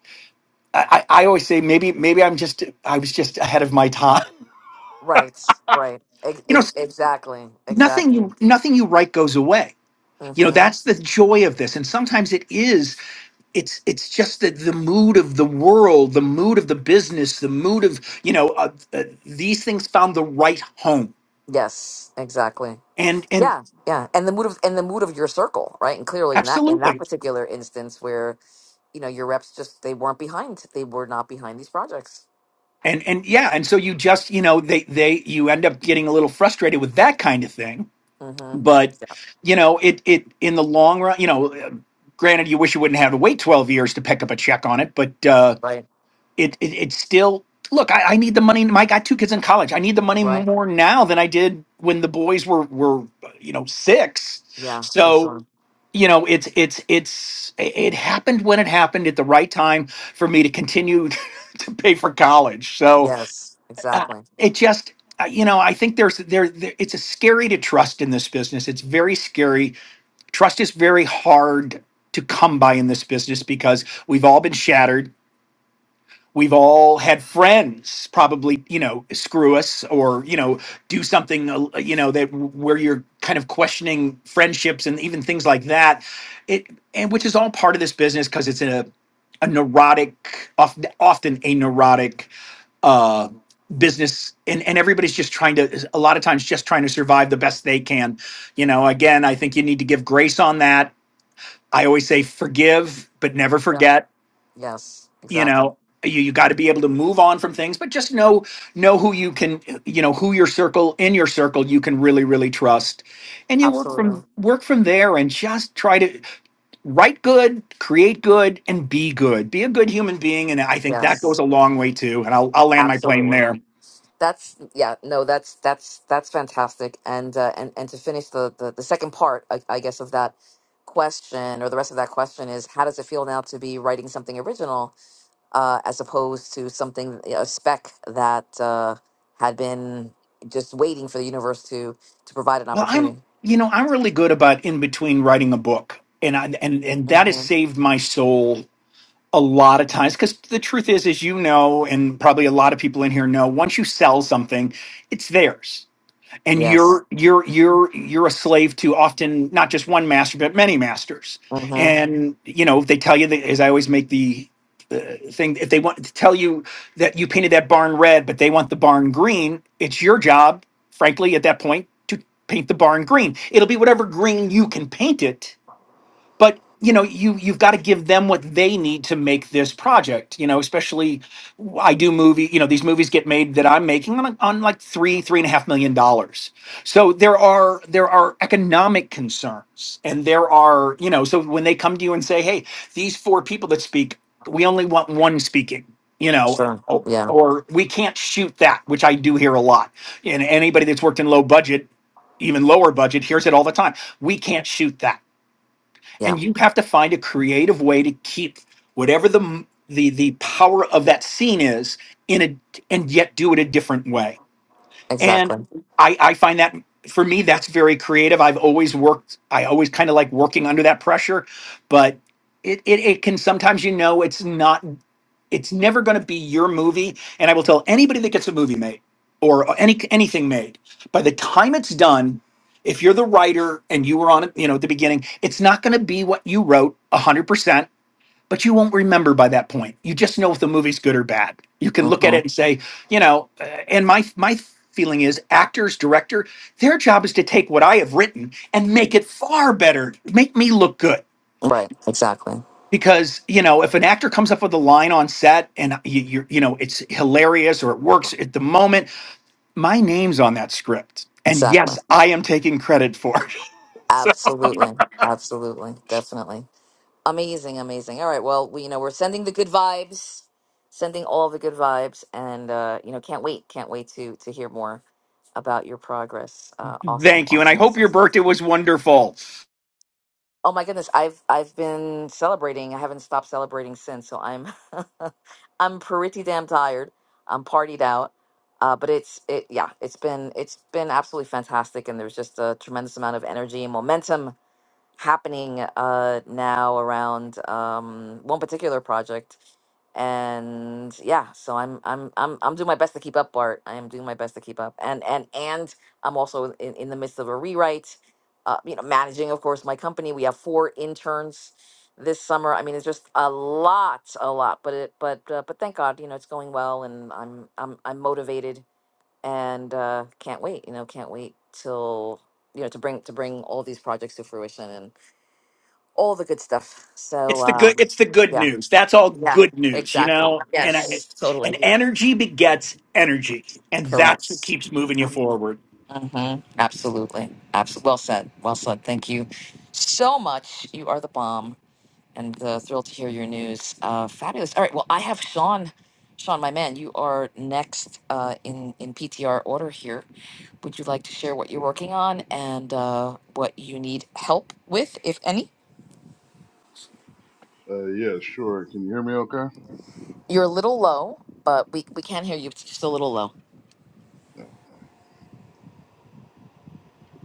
[SPEAKER 5] I, I I always say maybe maybe i'm just i was just ahead of my time
[SPEAKER 1] Right. Right. Ex-
[SPEAKER 5] you know
[SPEAKER 1] ex-
[SPEAKER 5] s-
[SPEAKER 1] exactly.
[SPEAKER 5] nothing you
[SPEAKER 1] Exactly.
[SPEAKER 5] nothing you write goes away you know
[SPEAKER 1] Mm-hmm.
[SPEAKER 5] that's the joy of this and sometimes it is it's it's just that the mood of the world the mood of the business the mood of you know uh, uh, these things found the right home
[SPEAKER 1] Yes. Exactly.
[SPEAKER 5] and and
[SPEAKER 1] Yeah, yeah, and the mood of and the mood of your circle, right? And clearly, in that in that
[SPEAKER 5] absolutely
[SPEAKER 1] particular instance, where you know your reps just they weren't behind, they were not behind these projects.
[SPEAKER 5] and and yeah and so you just you know they they you end up getting a little frustrated with that kind of thing
[SPEAKER 1] Mm-hmm.
[SPEAKER 5] but you know it it in the long run you know uh, granted you wish you wouldn't have to wait 12 years to pick up a check on it but uh,
[SPEAKER 1] Right,
[SPEAKER 5] it, it it's still look I, I need the money mike i got two kids in college i need the money
[SPEAKER 1] right,
[SPEAKER 5] more now than i did when the boys were were you know six
[SPEAKER 1] yeah, for
[SPEAKER 5] so
[SPEAKER 1] sure.
[SPEAKER 5] you know it's it's it's it happened when it happened at the right time for me to continue to pay for college so
[SPEAKER 1] Yes,
[SPEAKER 5] uh,
[SPEAKER 1] exactly.
[SPEAKER 5] it just uh, you know i think there's there, there it's a scary to trust in this business it's very scary trust is very hard to come by in this business because we've all been shattered We've all had friends probably, you know, screw us or, you know, do something, uh, you know, that where you're kind of questioning friendships and even things like that. It and which is all part of this business because it's a a neurotic, often often a neurotic uh, business, and and everybody's just trying to a lot of times just trying to survive the best they can. You know, again, I think you need to give grace on that. I always say forgive, but never
[SPEAKER 1] Yep.
[SPEAKER 5] forget
[SPEAKER 1] Yes,
[SPEAKER 5] you
[SPEAKER 1] exactly.
[SPEAKER 5] know you, you got to be able to move on from things but just know know who you can you know who your circle in your circle you can really really trust and you work
[SPEAKER 1] Absolutely.
[SPEAKER 5] from work from there and just try to write good create good and be good be a good human being and i think that goes
[SPEAKER 1] Yes,
[SPEAKER 5] a long way too and i'll, I'll land my plane
[SPEAKER 1] absolutely.
[SPEAKER 5] there
[SPEAKER 1] That's yeah. No, that's that's that's fantastic. And uh, and and to finish the the, the second part, I, I guess, of that question or the rest of that question is how does it feel now to be writing something original uh, as opposed to something a spec that uh, had been just waiting for the universe to to provide an
[SPEAKER 5] well i'm
[SPEAKER 1] opportunity.
[SPEAKER 5] you know i'm really good about in between writing a book and I, and and that has
[SPEAKER 1] hmm
[SPEAKER 5] saved my soul a lot of times because the truth is as you know and probably a lot of people in here know once you sell something it's theirs and
[SPEAKER 1] Yes.
[SPEAKER 5] you're you're you're you're a slave to often not just one master but many masters
[SPEAKER 1] hmm
[SPEAKER 5] and you know they tell you that as i always make the uh, thing if they want to tell you that you painted that barn red but they want the barn green it's your job frankly at that point to paint the barn green it'll be whatever green you can paint it but you know you you've got to give them what they need to make this project you know especially i do movie you know these movies get made that i'm making on, on like three three and a half million dollars so there are there are economic concerns and there are you know so when they come to you and say hey these four people that speak we only want one speaking you know
[SPEAKER 1] Sure.
[SPEAKER 5] o-
[SPEAKER 1] Yeah.
[SPEAKER 5] or we can't shoot that which i do hear a lot and anybody that's worked in low budget even lower budget hears it all the time we can't shoot that
[SPEAKER 1] Yeah.
[SPEAKER 5] and you have to find a creative way to keep whatever the the the power of that scene is in a and yet do it a different way and
[SPEAKER 1] Exactly.
[SPEAKER 5] i i find that for me that's very creative i've always worked i always kind of like working under that pressure but it, it it can sometimes you know it's not it's never going to be your movie. And I will tell anybody that gets a movie made or any anything made, by the time it's done, if you're the writer and you were on it, you know, at the beginning, it's not going to be what you wrote 100%, but you won't remember by that point. You just know if the movie's good or bad. You can look at
[SPEAKER 1] hmm
[SPEAKER 5] it and say, you know, uh, and my my feeling is actors, director, their job is to take what I have written and make it far better, make me look good
[SPEAKER 1] Right. Exactly.
[SPEAKER 5] because you know if an actor comes up with a line on set and you you, you know it's hilarious or it works at the moment my name's on that script and
[SPEAKER 1] Exactly.
[SPEAKER 5] yes i am taking credit for
[SPEAKER 1] Absolutely. Absolutely. Definitely. Amazing. Amazing. All right. Well, we you know we're sending the good vibes, sending all the good vibes, and uh, you know can't wait, can't wait to to hear more about your progress. Uh,
[SPEAKER 5] it
[SPEAKER 1] awesome.
[SPEAKER 5] thank you and i
[SPEAKER 1] Awesome.
[SPEAKER 5] hope
[SPEAKER 1] Awesome
[SPEAKER 5] your
[SPEAKER 1] stuff.
[SPEAKER 5] birthday was wonderful
[SPEAKER 1] Oh my goodness, I've I've been celebrating. I haven't stopped celebrating since, so I'm I'm pretty damn tired. I'm partied out. Uh, but it's it yeah, it's been it's been absolutely fantastic and there's just a tremendous amount of energy and momentum happening uh, now around um, one particular project. And yeah, so I'm I'm I'm I'm doing my best to keep up, Bart. I am doing my best to keep up, and and and I'm also in, in the midst of a rewrite. Uh, you know, managing, of course, my company. We have four interns this summer. I mean, it's just a lot, a lot. But it, but uh, but thank God, you know, it's going well, and I'm I'm I'm motivated, and uh, can't wait. You know, can't wait till you know to bring to bring all these projects to fruition, all the good stuff. So,
[SPEAKER 5] it's the good
[SPEAKER 1] um,
[SPEAKER 5] it's the good
[SPEAKER 1] yeah,
[SPEAKER 5] news that's all
[SPEAKER 1] yeah,
[SPEAKER 5] good news you
[SPEAKER 1] exactly.
[SPEAKER 5] know and I,
[SPEAKER 1] Yes, totally
[SPEAKER 5] and energy begets energy and
[SPEAKER 1] correct.
[SPEAKER 5] that's what keeps moving you forward
[SPEAKER 1] hmm Absolutely, absolutely. Well said. Well said. Thank you so much. You are the bomb, and uh, thrilled to hear your news. Uh, fabulous. All right. Well, I have Sean. Sean, my man, you are next uh, in in PTR order here. Would you like to share what you're working on and uh, what you need help with, if any?
[SPEAKER 7] Uh, yeah, sure. Can you hear me okay? All
[SPEAKER 1] You're a little low, but we, we can hear you. It's just a little low.
[SPEAKER 7] right. I'll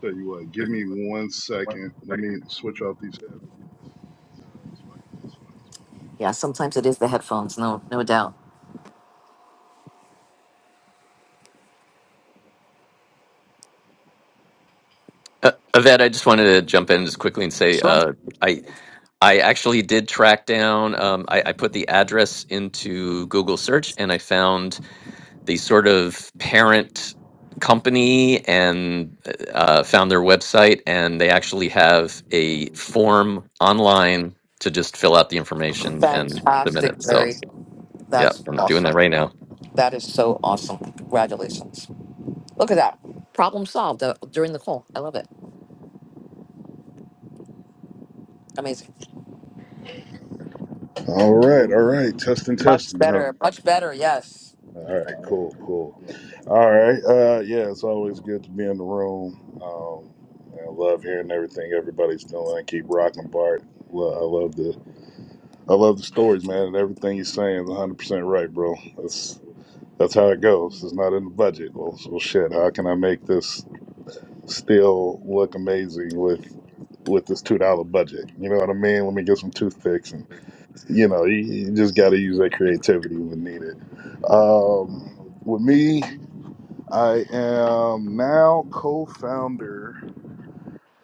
[SPEAKER 7] tell you what, give me one second. Let me switch off these headphones and uh, so I can talk about
[SPEAKER 1] Yeah, sometimes it is the headphones, no, no doubt.
[SPEAKER 3] Uh, Yvette, I just wanted to jump in just quickly and say,
[SPEAKER 1] Sure.
[SPEAKER 3] uh, I I actually did track down. Um, I, I put the address into Google search, and I found the sort of parent company, and uh, uh, found their website, and they actually have a form online to just fill out the information and submit it.
[SPEAKER 1] Fantastic,
[SPEAKER 3] So,
[SPEAKER 1] Terry.
[SPEAKER 3] yeah,
[SPEAKER 1] That's
[SPEAKER 3] I'm doing that right
[SPEAKER 1] awesome.
[SPEAKER 3] now.
[SPEAKER 1] That is so awesome. Congratulations. Look at that. Problem solved uh, during the call. I love it. Amazing.
[SPEAKER 7] what's going on. All right, all right. Testing,
[SPEAKER 1] Much
[SPEAKER 7] testing. Huh?
[SPEAKER 1] better. Much better. Yes.
[SPEAKER 7] All right, cool, cool. All right. Uh, yeah, it's always good to be in the room. Um, I love hearing everything everybody's doing. Keep rocking, Bart. Lo- I love the I love the stories, man, and everything you're saying is 100 percent right, bro. That's that's how it goes. It's not in the budget. Well, so shit. How can I make this? still look amazing with with this two dollar budget. You know what I mean? Let me get some toothpicks, and you know, you, you just got to use that creativity when needed. Um, with me, I am now co-founder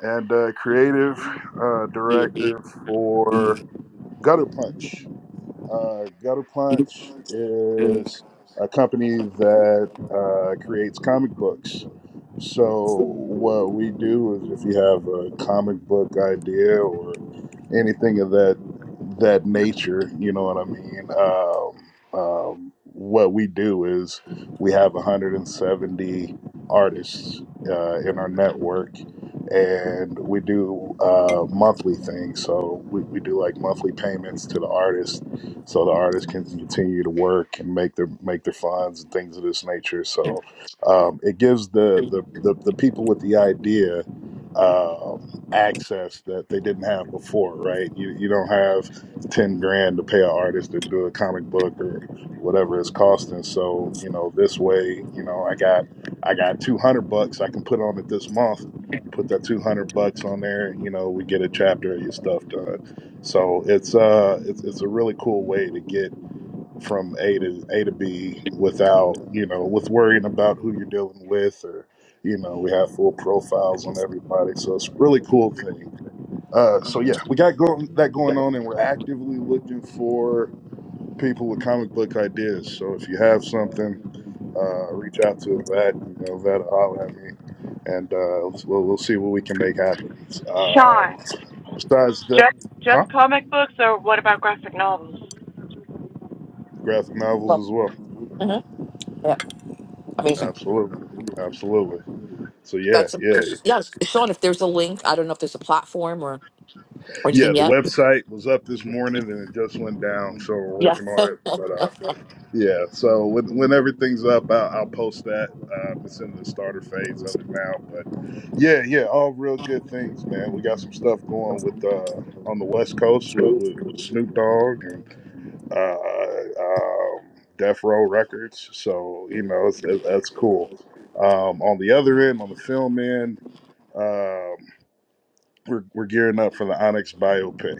[SPEAKER 7] and uh, creative uh, director for Gutter Punch. Uh, Gutter Punch is a company that uh, creates comic books. So, what we do is if you have a comic book idea or anything of that that nature, you know what I mean? Um, um, what we do is we have 170 artists uh, in our network and we do uh, monthly things. So, we, we do like monthly payments to the artists so the artists can continue to work and make their make their funds and things of this nature. So um, it gives the, the the the people with the idea um, access that they didn't have before, right? You you don't have ten grand to pay an artist to do a comic book or whatever it's costing. So you know this way, you know I got I got two hundred bucks I can put on it this month. You put that two hundred bucks on there, and you know we get a chapter of your stuff done so it's uh it's it's a really cool way to get from A to A to B without, you know, with worrying about who you're dealing with or you know, we have full profiles on everybody. So it's a really cool thing. Uh so yeah, we got going that going on and we're actively looking for people with comic book ideas. So if you have something, uh reach out to a vet, you know, vet will holler at me and uh we'll we'll see what we can make happen. Uh
[SPEAKER 8] Sean,
[SPEAKER 7] besides that
[SPEAKER 8] just
[SPEAKER 7] huh?
[SPEAKER 8] just comic books, or what about graphic novels?
[SPEAKER 7] Graphic
[SPEAKER 1] Well,
[SPEAKER 7] novels as well.
[SPEAKER 1] mhm. yeah. Amazing.
[SPEAKER 7] Absolutely. Absolutely. So yeah,
[SPEAKER 1] That's
[SPEAKER 7] yeah.
[SPEAKER 1] yes. Sean, if there's a link, I don't know if there's a platform or or
[SPEAKER 7] Yeah,
[SPEAKER 1] anything
[SPEAKER 7] the
[SPEAKER 1] yet.
[SPEAKER 7] website was up this morning and it just went down, so we're
[SPEAKER 1] Yeah.
[SPEAKER 7] working on it. But uh yeah, so when when everything's up, I'll, I'll post that. Uh, I'm just in the starter phase of it now, but yeah, yeah, all real good things, man. We got some stuff going with uh on the West Coast with, with, with Snoop Dogg and uh um Death Row Records. So, you know, it's, it, that's cool. Um on the other end, on the film end, Um, we're, we're gearing up for the Onyx biopic.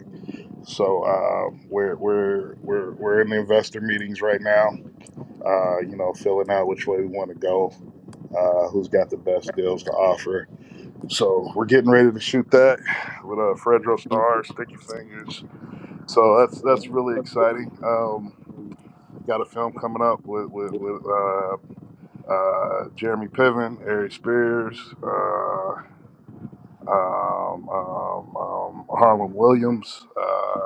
[SPEAKER 7] So um, we're we're we're we're in the investor meetings right now. Uh, you know, filling out which way we want to go, uh, who's got the best deals to offer. So we're getting ready to shoot that with uh, Fredro Starr, Sticky Fingers. So that's that's really exciting. Um, got a film coming up with with, with uh, uh, Jeremy Piven, Ari Spears, uh, um, um, um, Harlan Williams. Uh,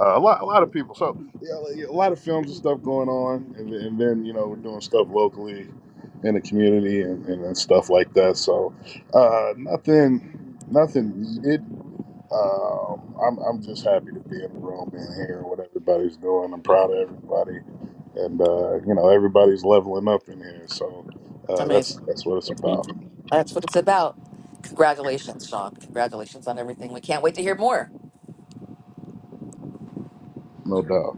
[SPEAKER 7] Uh, a lot, a lot of people. So yeah, like, a lot of films and stuff going on, and, th- and then you know we're doing stuff locally in the community and, and, and stuff like that. So uh, nothing, nothing needed. Um, I'm I'm just happy to be in the room and hearing what everybody's doing. I'm proud of everybody, and uh, you know everybody's leveling up in here. So uh, that's
[SPEAKER 1] Amazing.
[SPEAKER 7] that's what it's about,
[SPEAKER 1] That's what it's about. Congratulations, Sean. Congratulations on everything. We can't wait to hear more.
[SPEAKER 7] no doubt.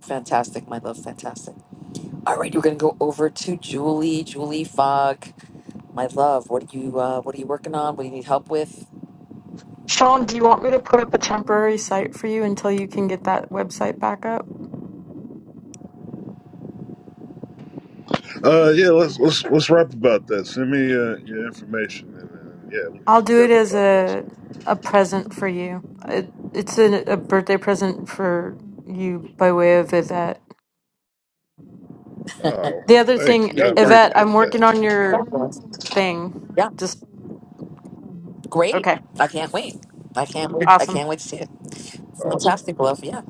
[SPEAKER 1] Fantastic, my love. Fantastic. All right, we're gonna go over to Julie. Julie Fogg, my love. What are you? Uh, what are you working on? What do you need help with?
[SPEAKER 9] Sean, do you want me to put up a temporary site for you until you can get that website back up?
[SPEAKER 7] Uh, yeah, let's let's let's rap about that. Send me uh, your information, and, and yeah, we can
[SPEAKER 9] I'll
[SPEAKER 7] we can
[SPEAKER 9] do it
[SPEAKER 7] definitely
[SPEAKER 9] as
[SPEAKER 7] talk about
[SPEAKER 9] a
[SPEAKER 7] something.
[SPEAKER 9] a present for you. It, it's a, a birthday present for you by way of Yvette.
[SPEAKER 7] Oh,
[SPEAKER 9] The other
[SPEAKER 7] thank
[SPEAKER 9] thing,
[SPEAKER 7] you. I
[SPEAKER 9] Yvette, I'm
[SPEAKER 7] appreciate
[SPEAKER 9] working on
[SPEAKER 7] that. Thank
[SPEAKER 9] your thing.
[SPEAKER 1] Yeah,
[SPEAKER 9] Just
[SPEAKER 1] great.
[SPEAKER 9] okay,
[SPEAKER 1] I can't wait. I can't wait. I
[SPEAKER 9] awesome.
[SPEAKER 1] can't wait to see it.
[SPEAKER 7] you. Awesome.
[SPEAKER 1] Fantastic, love. Yeah.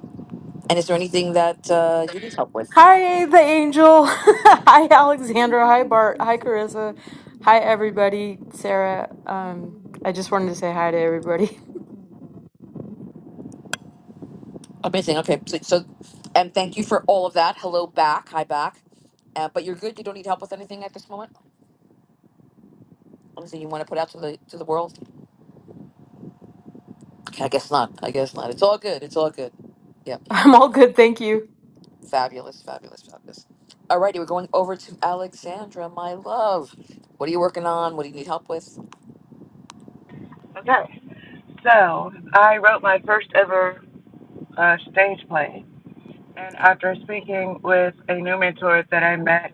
[SPEAKER 1] And is there anything that uh, you need help with?
[SPEAKER 9] Hi, the angel. hi, Alexandra. Hi, Bart. Hi, Carissa. Hi, everybody. Sarah. Um, I just wanted to say hi to everybody.
[SPEAKER 1] Amazing. Okay. So, so, and thank you for all of that. Hello back. Hi back. Uh, but you're good. You don't need help with anything at this moment. Anything you want to put out to the to the world? Okay, I guess not. I guess not. It's all good. It's all good. Yeah.
[SPEAKER 9] I'm all good, thank you.
[SPEAKER 1] Fabulous, fabulous, fabulous. Alrighty, we're going over to Alexandra, my love. What are you working on? What do you need help with?
[SPEAKER 8] Okay, so I wrote my first ever uh, stage play, and after speaking with a new mentor that I met,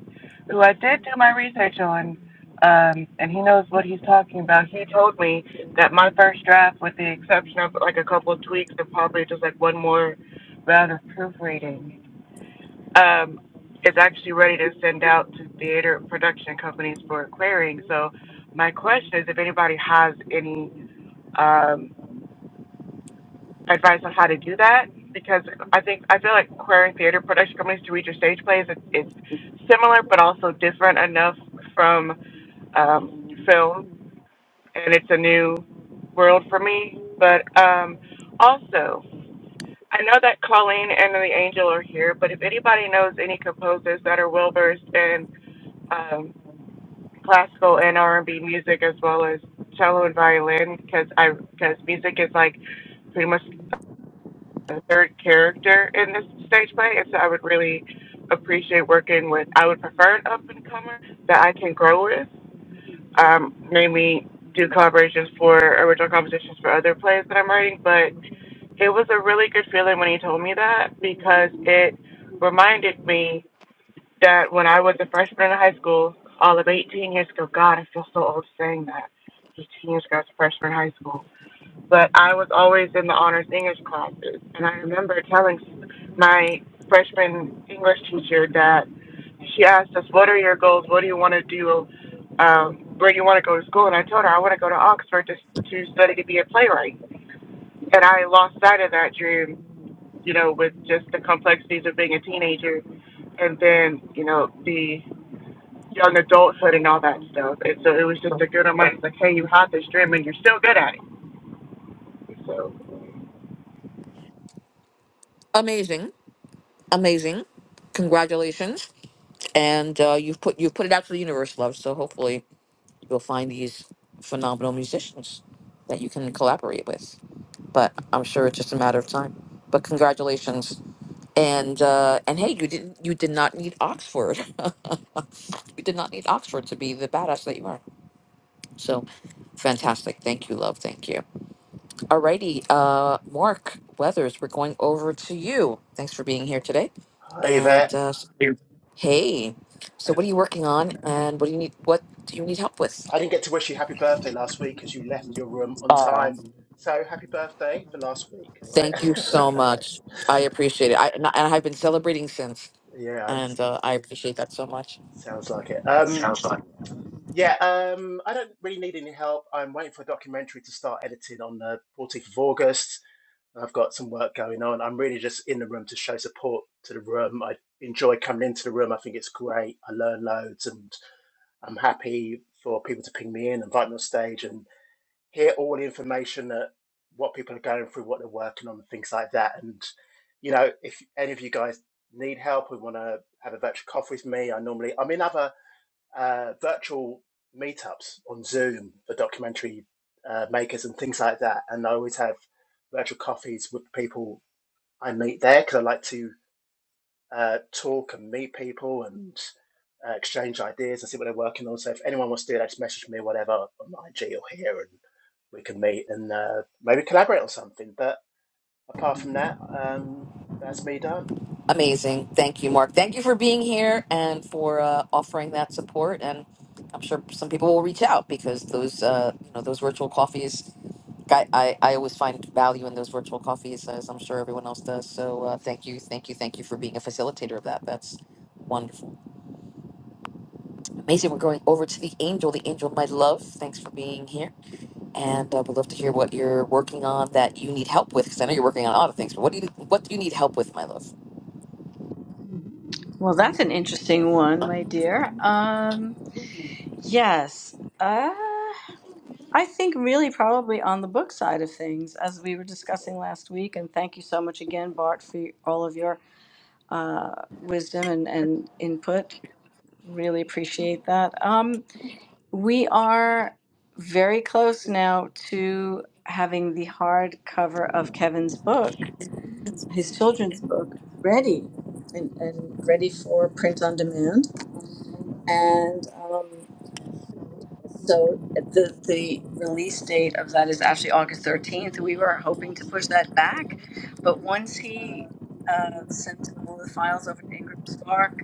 [SPEAKER 8] who I did do my research on, um, and he knows what he's talking about. He told me that my first draft, with the exception of like a couple of tweaks and probably just like one more round of proofreading, um, is actually ready to send out to theater and production companies for clearing. So my question is if anybody has any um, advice on how to do that, because I think I feel like querying theater production companies to read your stage plays it's, it's similar but also different enough from um, film, and it's a new world for me. But um, also, I know that Colleen and the Angel are here, but if anybody knows any composers that are well versed in um, classical and R and B music as well as cello and violin because I because music is like pretty much a third character in this stage play, and so I would really appreciate working with. I would prefer an up and comer that I can grow with. Um, maybe do collaborations for original compositions for other plays that I'm writing, but it was a really good feeling when he told me that because it reminded me that when I was a freshman in high school, all of 18 years ago, God, I feel so old saying that. 18 years ago, I was a freshman in high school. But I was always in the honors English classes. And I remember telling my freshman English teacher that she asked us, What are your goals? What do you want to do? Um, where do you want to go to school? And I told her, I want to go to Oxford to, to study to be a playwright. And I lost sight of that dream, you know, with just the complexities of being a teenager and then, you know, the young adulthood and all that stuff. And so it was just a good reminder, like, hey, you had this dream and you're still good at it. So
[SPEAKER 1] Amazing, amazing. Congratulations, and uh, you've put you've put it out to the universe, love. So hopefully you'll find these phenomenal musicians that you can collaborate with. But I'm sure it's just a matter of time. But congratulations, and uh, and hey, you didn't you did not need Oxford. you did not need Oxford to be the badass that you are. So fantastic. Thank you, love. Thank you. Alrighty, uh, Mark Weathers, we're going over to you. Thanks for being here today.
[SPEAKER 10] Hi there.
[SPEAKER 1] And uh, s- hey, so
[SPEAKER 10] I
[SPEAKER 1] what are you working on, and what do you need? What do you need help with?
[SPEAKER 10] I didn't get to wish you happy birthday last week because you left your room on
[SPEAKER 1] Oh,
[SPEAKER 10] time. So happy birthday for last week, all right?
[SPEAKER 1] thank you so much. I appreciate it. I and I- and I've been celebrating since,
[SPEAKER 10] yeah, it
[SPEAKER 1] and uh, I appreciate that so much.
[SPEAKER 10] sounds like it. Um, yeah, um, I don't really need any help. I'm waiting for a documentary to start editing on the 14th of August. I've got some work going on. I'm really just in the room to show support to the room. I enjoy coming into the room. I think it's great. I learn loads and I'm happy for people to ping me in, invite me on stage. and. hear all the information that what people are going through, what they're working on, things like that. And you know, if any of you guys need help we want to have a virtual coffee with me, I normally I'm in other uh, virtual meetups on Zoom for documentary uh, makers and things like that. And I always have virtual coffees with people I meet there because I like to uh, talk and meet people and uh, exchange ideas and see what they're working on. So if anyone wants to do that, just message me, or whatever, on IG or here, and we can meet and uh, maybe collaborate on something. But apart from that, um, that's me done.
[SPEAKER 1] Amazing. Thank you, Mark. Thank you for being here and for uh, offering that support. And I'm sure some people will reach out because those, uh, you know, those virtual coffees I, I, I always find value in those virtual coffees, as I'm sure everyone else does. So uh, thank you, thank you, thank you for being a facilitator of that. That's wonderful. Amazing. We're going over to the angel. The angel, of my love, thanks for being here. And uh, we'd love to hear what you're working on that you need help with, because I know you're working on other things, but what do you, what do you need help with, my love?
[SPEAKER 11] Well, that's an interesting one, my dear. Um, yes. Uh, I think really probably on the book side of things, as we were discussing last week. And thank you so much again, Bart, for all of your uh, wisdom and, and input. Really appreciate that. Um, we are very close now to having the hardcover of Kevin's book, his children's book, ready and, and ready for print on demand. And um, so the the release date of that is actually August 13th. We were hoping to push that back, but once he uh, sent all the files over to Ingram Spark,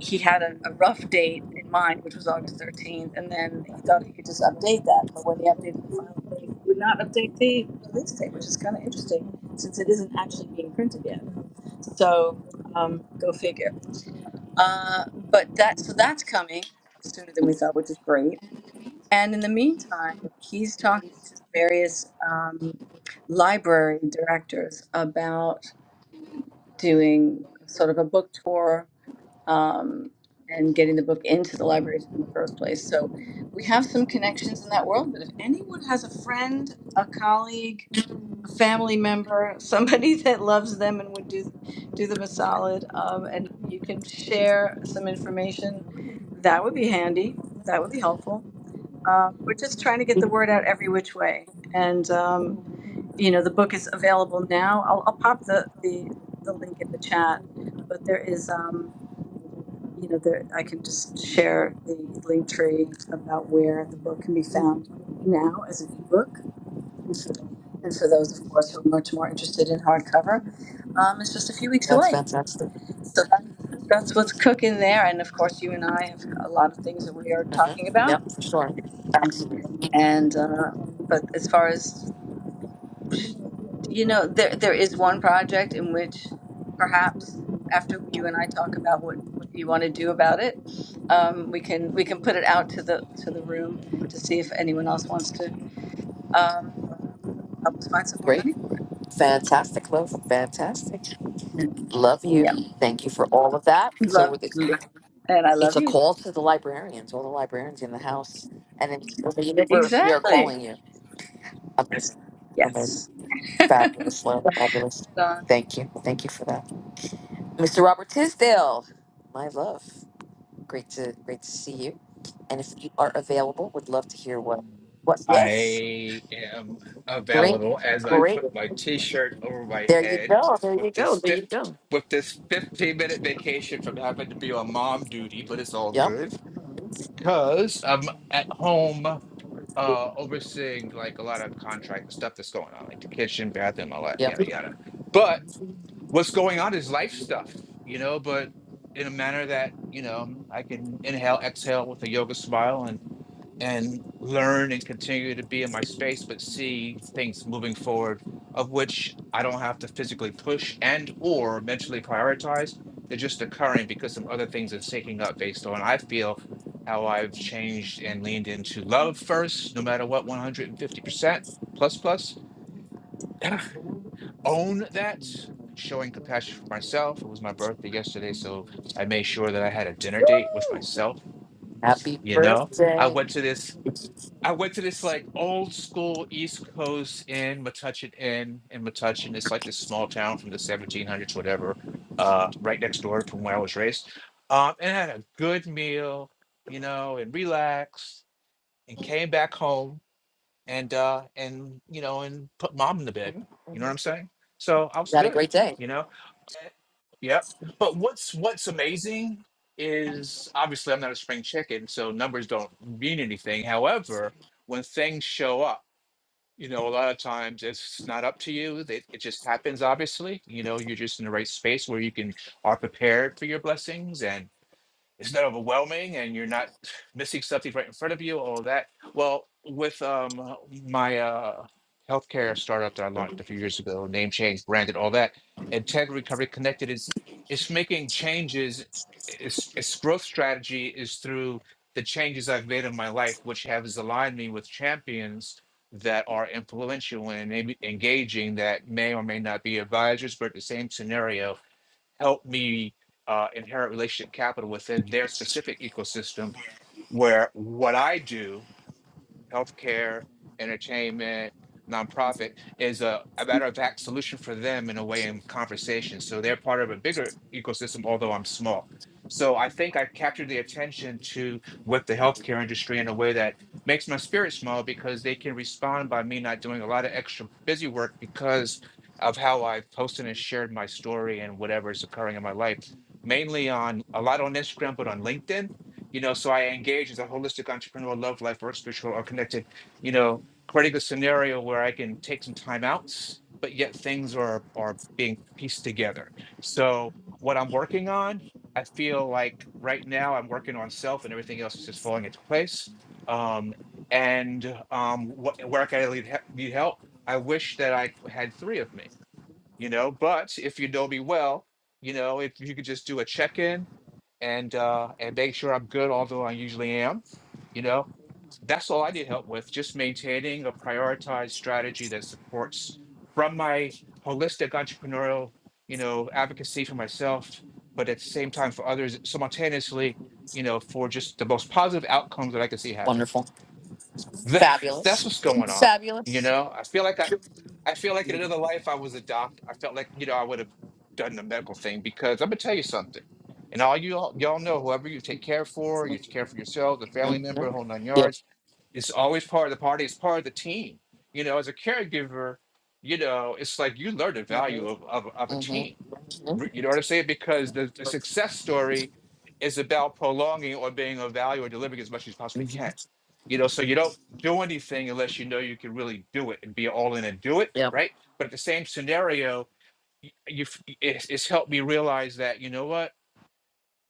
[SPEAKER 11] he had a, a rough date in mind, which was August 13th, and then he thought he could just update that. But when he updated the final date, he would not update the release date, which is kind of interesting since it isn't actually being printed yet. So um, go figure. Uh, but that so that's coming sooner than we thought, which is great. And in the meantime, he's talking to various um, library directors about doing sort of a book tour um, and getting the book into the libraries in the first place. So we have some connections in that world. But if anyone has a friend, a colleague, a family member, somebody that loves them and would do do them a solid. Um, and you can share some information. That would be handy. That would be helpful. Um, we're just trying to get the word out every which way. And um, you know, the book is available now. I'll, I'll pop the, the the link in the chat. But there is, um, you know, there I can just share the link tree about where the book can be found now as an ebook and for those, of course, who are much more interested in hardcover, um, it's just a few weeks
[SPEAKER 1] That's
[SPEAKER 11] away.
[SPEAKER 1] fantastic.
[SPEAKER 11] So that, that's what's cooking there. And of course, you and I have a lot of things that we are talking
[SPEAKER 1] Mm-hmm.
[SPEAKER 11] about.
[SPEAKER 1] Yep, for sure. Absolutely.
[SPEAKER 11] And uh, but as far as you know, there there is one project in which perhaps after you and I talk about what, what you want to do about it, um, we can we can put it out to the to the room to see if anyone else wants to um, help us find some more
[SPEAKER 1] Great.
[SPEAKER 11] money for
[SPEAKER 1] Fantastic, love. Fantastic. Love
[SPEAKER 11] it.
[SPEAKER 1] you.
[SPEAKER 11] Yeah,
[SPEAKER 1] Thank you for all of that. So
[SPEAKER 11] love,
[SPEAKER 1] we're
[SPEAKER 11] and I
[SPEAKER 1] It's
[SPEAKER 11] love
[SPEAKER 1] a
[SPEAKER 11] you.
[SPEAKER 1] call to the librarians, all the librarians in the house, and it's the universe. We are
[SPEAKER 11] Exactly.
[SPEAKER 1] calling you. Amazing, amazing,
[SPEAKER 11] Yes.
[SPEAKER 1] fabulous, love, fabulous.
[SPEAKER 11] Right on.
[SPEAKER 1] Thank you, thank you for that, Mr. Robert Tisdale. My love, great to great to see you. And if you are available, would love to hear what what. Yes,
[SPEAKER 12] I am
[SPEAKER 1] great,
[SPEAKER 12] available as I
[SPEAKER 1] great.
[SPEAKER 12] put my t-shirt over my
[SPEAKER 1] There you
[SPEAKER 12] head
[SPEAKER 1] go. There you
[SPEAKER 12] with
[SPEAKER 1] go.
[SPEAKER 12] this
[SPEAKER 1] There you
[SPEAKER 12] fifth
[SPEAKER 1] go.
[SPEAKER 12] with this 15 minute vacation from having to be on mom duty, but it's all
[SPEAKER 1] Yep,
[SPEAKER 12] good because I'm at home uh overseeing like a lot of contract stuff that's going on, like the kitchen, bathroom, all that,
[SPEAKER 1] yep.
[SPEAKER 12] yada yada. But what's going on is life stuff, you know, but in a manner that, you know, I can inhale, exhale with a yoga smile and learn and continue to be in my space but see things moving forward of which i don't have to physically push and or mentally prioritize they're just occurring because some other things are shaking up based on i feel how i've changed and leaned into love first no matter what 150% plus plus own that showing compassion for myself it was my birthday yesterday so i made sure that i had a dinner date with
[SPEAKER 1] Woo!
[SPEAKER 12] myself
[SPEAKER 1] Happy
[SPEAKER 12] you know i
[SPEAKER 1] birthday.
[SPEAKER 12] went to this I went to this like old school East Coast inn, Metuchen Inn in Metuchen. It's like this small town from the 1700s, whatever, uh, right next door from where I was raised. Um, and had a good meal, you know, and relaxed and came back home and, uh, and, you know, and put mom in the bed.
[SPEAKER 1] Mhm,
[SPEAKER 12] You know
[SPEAKER 1] mhm.
[SPEAKER 12] what I'm saying? So I
[SPEAKER 1] You
[SPEAKER 12] was
[SPEAKER 1] had a
[SPEAKER 12] good,
[SPEAKER 1] great day.
[SPEAKER 12] you know? Yep. But what's what's amazing is obviously I'm not a spring chicken, so numbers don't mean anything. However, when things show up, you know, a lot of times it's not up to you. It, it just happens. Obviously, you know, you're just in the right space where you can are prepared for your blessings, and it's not overwhelming and you're not missing something right in front of you all of that well with um my uh healthcare startup that i launched a few years ago name change branded all that and tech recovery connected is it's making changes its, its growth strategy is through the changes i've made in my life which has aligned me with champions that are influential and maybe engaging that may or may not be advisors but the same scenario help me uh, inherit relationship capital within their specific ecosystem where what I do healthcare, entertainment, nonprofit is a, a matter of fact solution for them in a way in conversation. So they're part of a bigger ecosystem, although I'm small. So I think I captured the attention to with the healthcare industry in a way that makes my spirit small because they can respond by me not doing a lot of extra busy work because of how I've posted and shared my story and whatever is occurring in my life, mainly on a lot on Instagram, but on LinkedIn you know so i engage as a holistic entrepreneur love life or spiritual or connected you know creating a scenario where i can take some time outs but yet things are are being pieced together so what i'm working on i feel like right now i'm working on self and everything else is just falling into place um and um what where can i need, he- need help i wish that i had three of me you know but if you know me well you know if you could just do a check-in and uh, and make sure I'm good, although I usually am. You know, that's all I need help with, just maintaining a prioritized strategy that supports from my holistic entrepreneurial, you know, advocacy for myself, but at the same time for others simultaneously, you know, for just the most positive outcomes that I can see happen.
[SPEAKER 1] Wonderful.
[SPEAKER 12] That's that's
[SPEAKER 1] Fabulous.
[SPEAKER 12] what's going on. You
[SPEAKER 1] Fabulous.
[SPEAKER 12] know, I feel like I, I feel like in another life I was a doctor. I felt like you know I would have done the medical thing because I'm gonna tell you something. And all you all, y'all know, whoever you take care for, you take care for yourself, the family
[SPEAKER 1] Mm-hmm.
[SPEAKER 12] member, whole nine
[SPEAKER 1] Yep.
[SPEAKER 12] yards. It's always part of the party. It's part of the team. You know, as a caregiver, you know, it's like you learn the value of of, of a team
[SPEAKER 1] Mm-hmm. hmm
[SPEAKER 12] you know what I'm saying? Because the, the success story is about prolonging or being of value or delivering as much as you possibly can. You know, so you don't do anything unless you know you can really do it and be all in and do it,
[SPEAKER 1] Yep.
[SPEAKER 12] right? But at the same scenario, y- you f- it's, it's helped me realize that you know what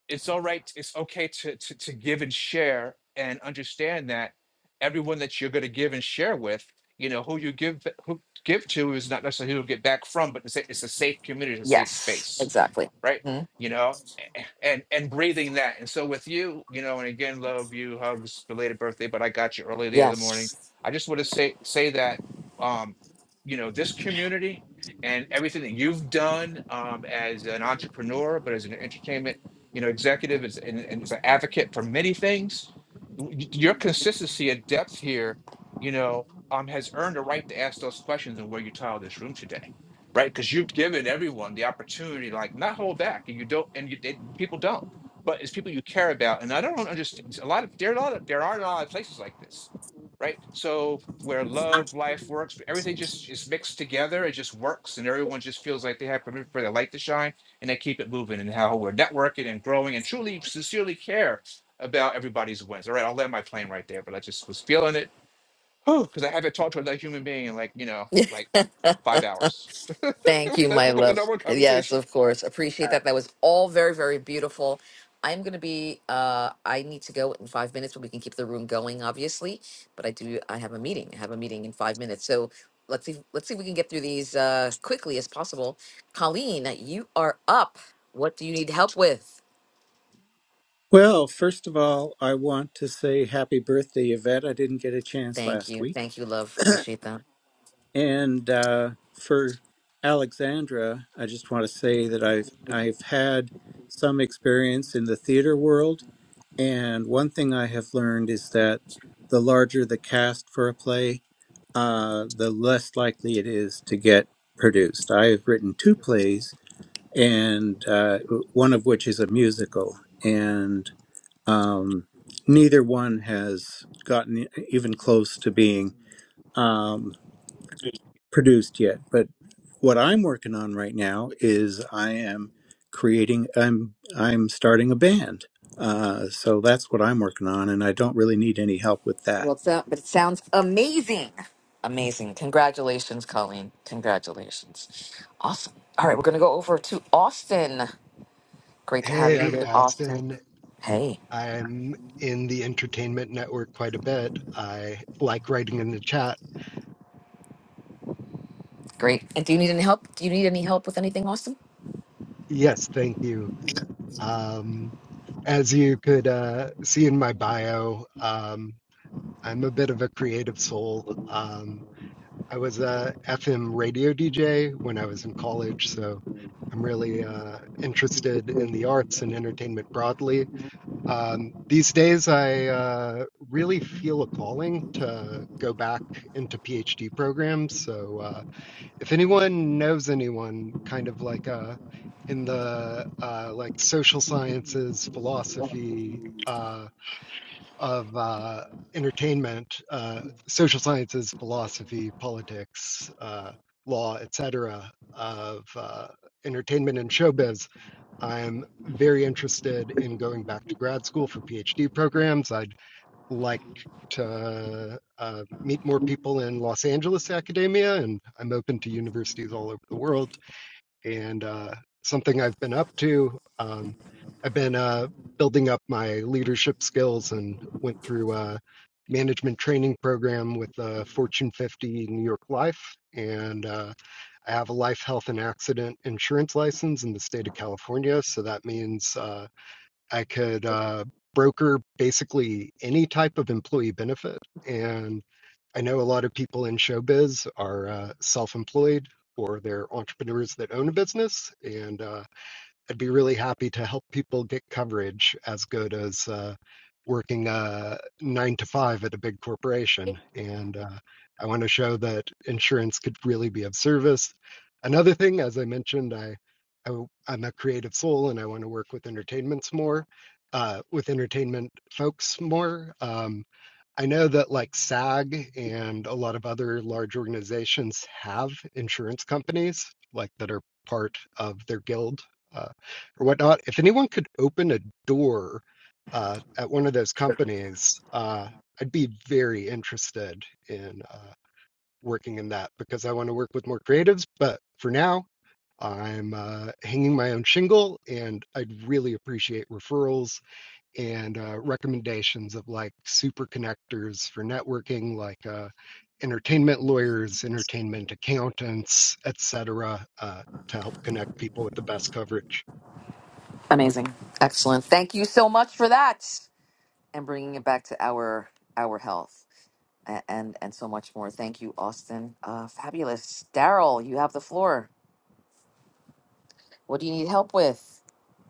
[SPEAKER 12] it's all right it's okay to, to to give and share and understand that everyone that you're going to give and share with you know who you give who give to is not necessarily who you get back from but it's a, it's a safe community it's a safe
[SPEAKER 1] Yes.
[SPEAKER 12] space
[SPEAKER 1] Exactly.
[SPEAKER 12] right
[SPEAKER 1] hmm
[SPEAKER 12] you know a- and and breathing that and so with you you know and again love you hugs belated birthday but i got you early the other morning
[SPEAKER 1] Yes.
[SPEAKER 12] i just want to say say that um you know this community and everything that you've done um, as an entrepreneur, but as an entertainment you know, executive is and, and is an advocate for many things. Y- Your consistency and depth here, you know, um, has earned a right to ask those questions and where you tile this room today, right? Because you've given everyone the opportunity, like not hold back, and you don't, and you they, people don't. But it's people you care about, and I don't understand. A lot of there are a lot of there are a lot of places like this, right? So where love, life works, everything just is mixed together. It just works, and everyone just feels like they have permission for their light to shine and then keep it moving and how we're networking and growing and truly sincerely care about everybody's wins. All right, I'll land my plane right there, but I just was feeling it because I haven't talked to another human being in like, you know, like five hours.
[SPEAKER 1] Thank you,
[SPEAKER 12] That's
[SPEAKER 1] my
[SPEAKER 12] the
[SPEAKER 1] love.
[SPEAKER 12] number one
[SPEAKER 1] Yes,
[SPEAKER 12] conversation.
[SPEAKER 1] of course. Appreciate that. That was all very, very beautiful. I'm gonna be. Uh, I need to go in five minutes, but we can keep the room going, obviously. But I do. I have a meeting. I have a meeting in five minutes. So let's see. Let's see if we can get through these uh, quickly as possible. Colleen, you are up. What do you need help with?
[SPEAKER 13] Well, first of all, I want to say happy birthday, Yvette. I didn't get a chance
[SPEAKER 1] Thank
[SPEAKER 13] last
[SPEAKER 1] you.
[SPEAKER 13] week.
[SPEAKER 1] Thank you, love. Appreciate that.
[SPEAKER 13] And uh, for Alexandra, I just want to say that I've I've had some experience in the theater world, and one thing I have learned is that the larger the cast for a play, uh, the less likely it is to get produced. I have written two plays, and uh, one of which is a musical, and um, neither one has gotten e, even close to being um, produced yet. But what I'm working on right now is I am creating. I'm I'm starting a band. Uh, so that's what I'm working on, and I don't really need any help with that.
[SPEAKER 1] Well, it's, uh, but it sounds amazing. Amazing. Congratulations, Colleen. Congratulations. Awesome. All right, we're going to go over to Austin. Great to have you
[SPEAKER 14] Hey,
[SPEAKER 1] Hey, here,
[SPEAKER 14] I'm
[SPEAKER 1] Donna. Austin.
[SPEAKER 14] Austin.
[SPEAKER 1] Hey,
[SPEAKER 14] I'm in the entertainment network quite a bit. I like writing in the chat.
[SPEAKER 1] great. And do you need any help? Do you need any help with anything, Austin?
[SPEAKER 14] Yes, thank you. Um, as you could uh, see in my bio, um, I'm a bit of a creative soul. Um, I was a FM radio DJ when I was in college, so I'm really uh, interested in the arts and entertainment broadly. Um, these days, I uh, really feel a calling to go back into PhD programs. So, uh, if anyone knows anyone, kind of like uh, in the uh, like social sciences, philosophy uh, of uh, entertainment, uh, social sciences, philosophy, politics, uh, law, etc., of uh, entertainment and showbiz, I'm very interested in going back to grad school for PhD programs. I'd like to uh, meet more people in Los Angeles academia, and I'm open to universities all over the world. And uh, something I've been up to, um, I've been uh, building up my leadership skills and went through a management training program with uh, Fortune 50 New York Life. And uh, I have a life, health, and accident insurance license in the state of California. So that means uh, I could uh, broker basically any type of employee benefit. And I know a lot of people in showbiz are uh, self employed or they're entrepreneurs that own a business. And uh, I'd be really happy to help people get coverage as good as uh, working uh, nine to five at a big corporation. And uh, I want to show that insurance could really be of service. Another thing, as I mentioned, I, I am a creative soul and I want to work with entertainments more, uh, with entertainment folks more. Um, I know that like SAG and a lot of other large organizations have insurance companies like that are part of their guild uh, or whatnot. If anyone could open a door uh, at one of those companies, uh, I'd be very interested in uh, working in that because I want to work with more creatives. But for now, I'm uh, hanging my own shingle, and I'd really appreciate referrals and uh, recommendations of like super connectors for networking, like uh, entertainment lawyers, entertainment accountants, etc., uh, to help connect people with the best coverage.
[SPEAKER 1] Amazing. Excellent. Thank you so much for that and bringing it back to our our health and and, and so much more. Thank you, Austin. Uh, fabulous. Daryl, you have the floor. What do you need help with?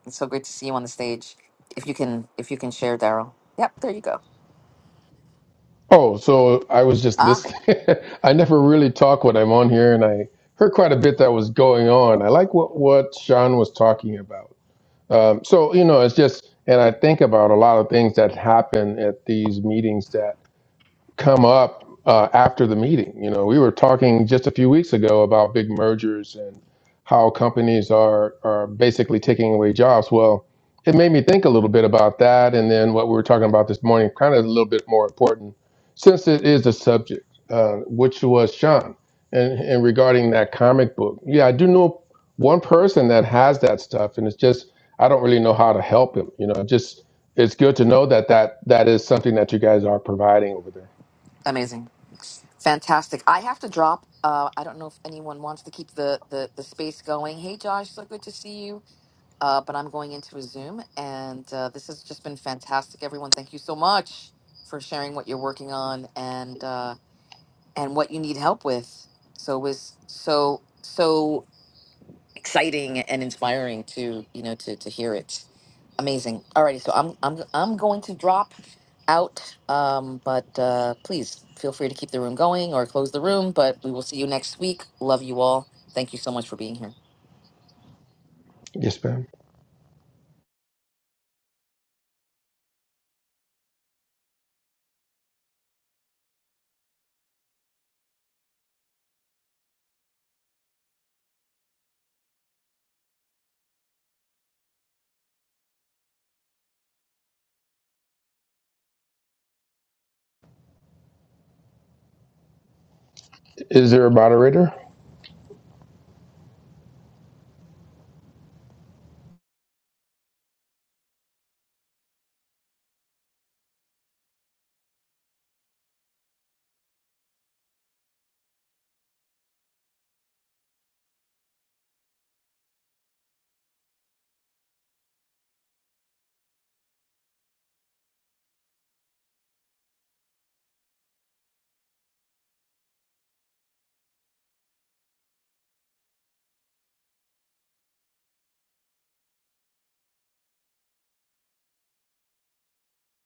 [SPEAKER 1] It's so great to see you on the stage. If you can, if you can share, Daryl. Yep, there you go.
[SPEAKER 15] Oh, so I was just
[SPEAKER 1] Ah,
[SPEAKER 15] listening. I never really talk when I'm on here, and I heard quite a bit that was going on. I like what what Sean was talking about. Um, so you know, it's just, and I think about a lot of things that happen at these meetings that come up uh, after the meeting. You know, we were talking just a few weeks ago about big mergers and how companies are are basically taking away jobs. Well, it made me think a little bit about that, and then what we were talking about this morning, kind of a little bit more important, since it is a subject, uh, which was Sean, and and regarding that comic book. Yeah, I do know one person that has that stuff, and it's just I don't really know how to help him. You know, just it's good to know that that that is something that you guys are providing over there.
[SPEAKER 1] amazing, fantastic. I have to drop. Uh, I don't know if anyone wants to keep the the the space going. Hey, Josh, so good to see you. Uh, but I'm going into a Zoom, and uh, this has just been fantastic. Everyone, thank you so much for sharing what you're working on and uh, and what you need help with. So it was so so. exciting and inspiring to you know to to hear it. Amazing. Alrighty, so I'm I'm I'm going to drop out, um, but uh, please feel free to keep the room going or close the room. But we will see you next week. Love you all. Thank you so much for being here.
[SPEAKER 15] Yes, ma'am. Is there a moderator?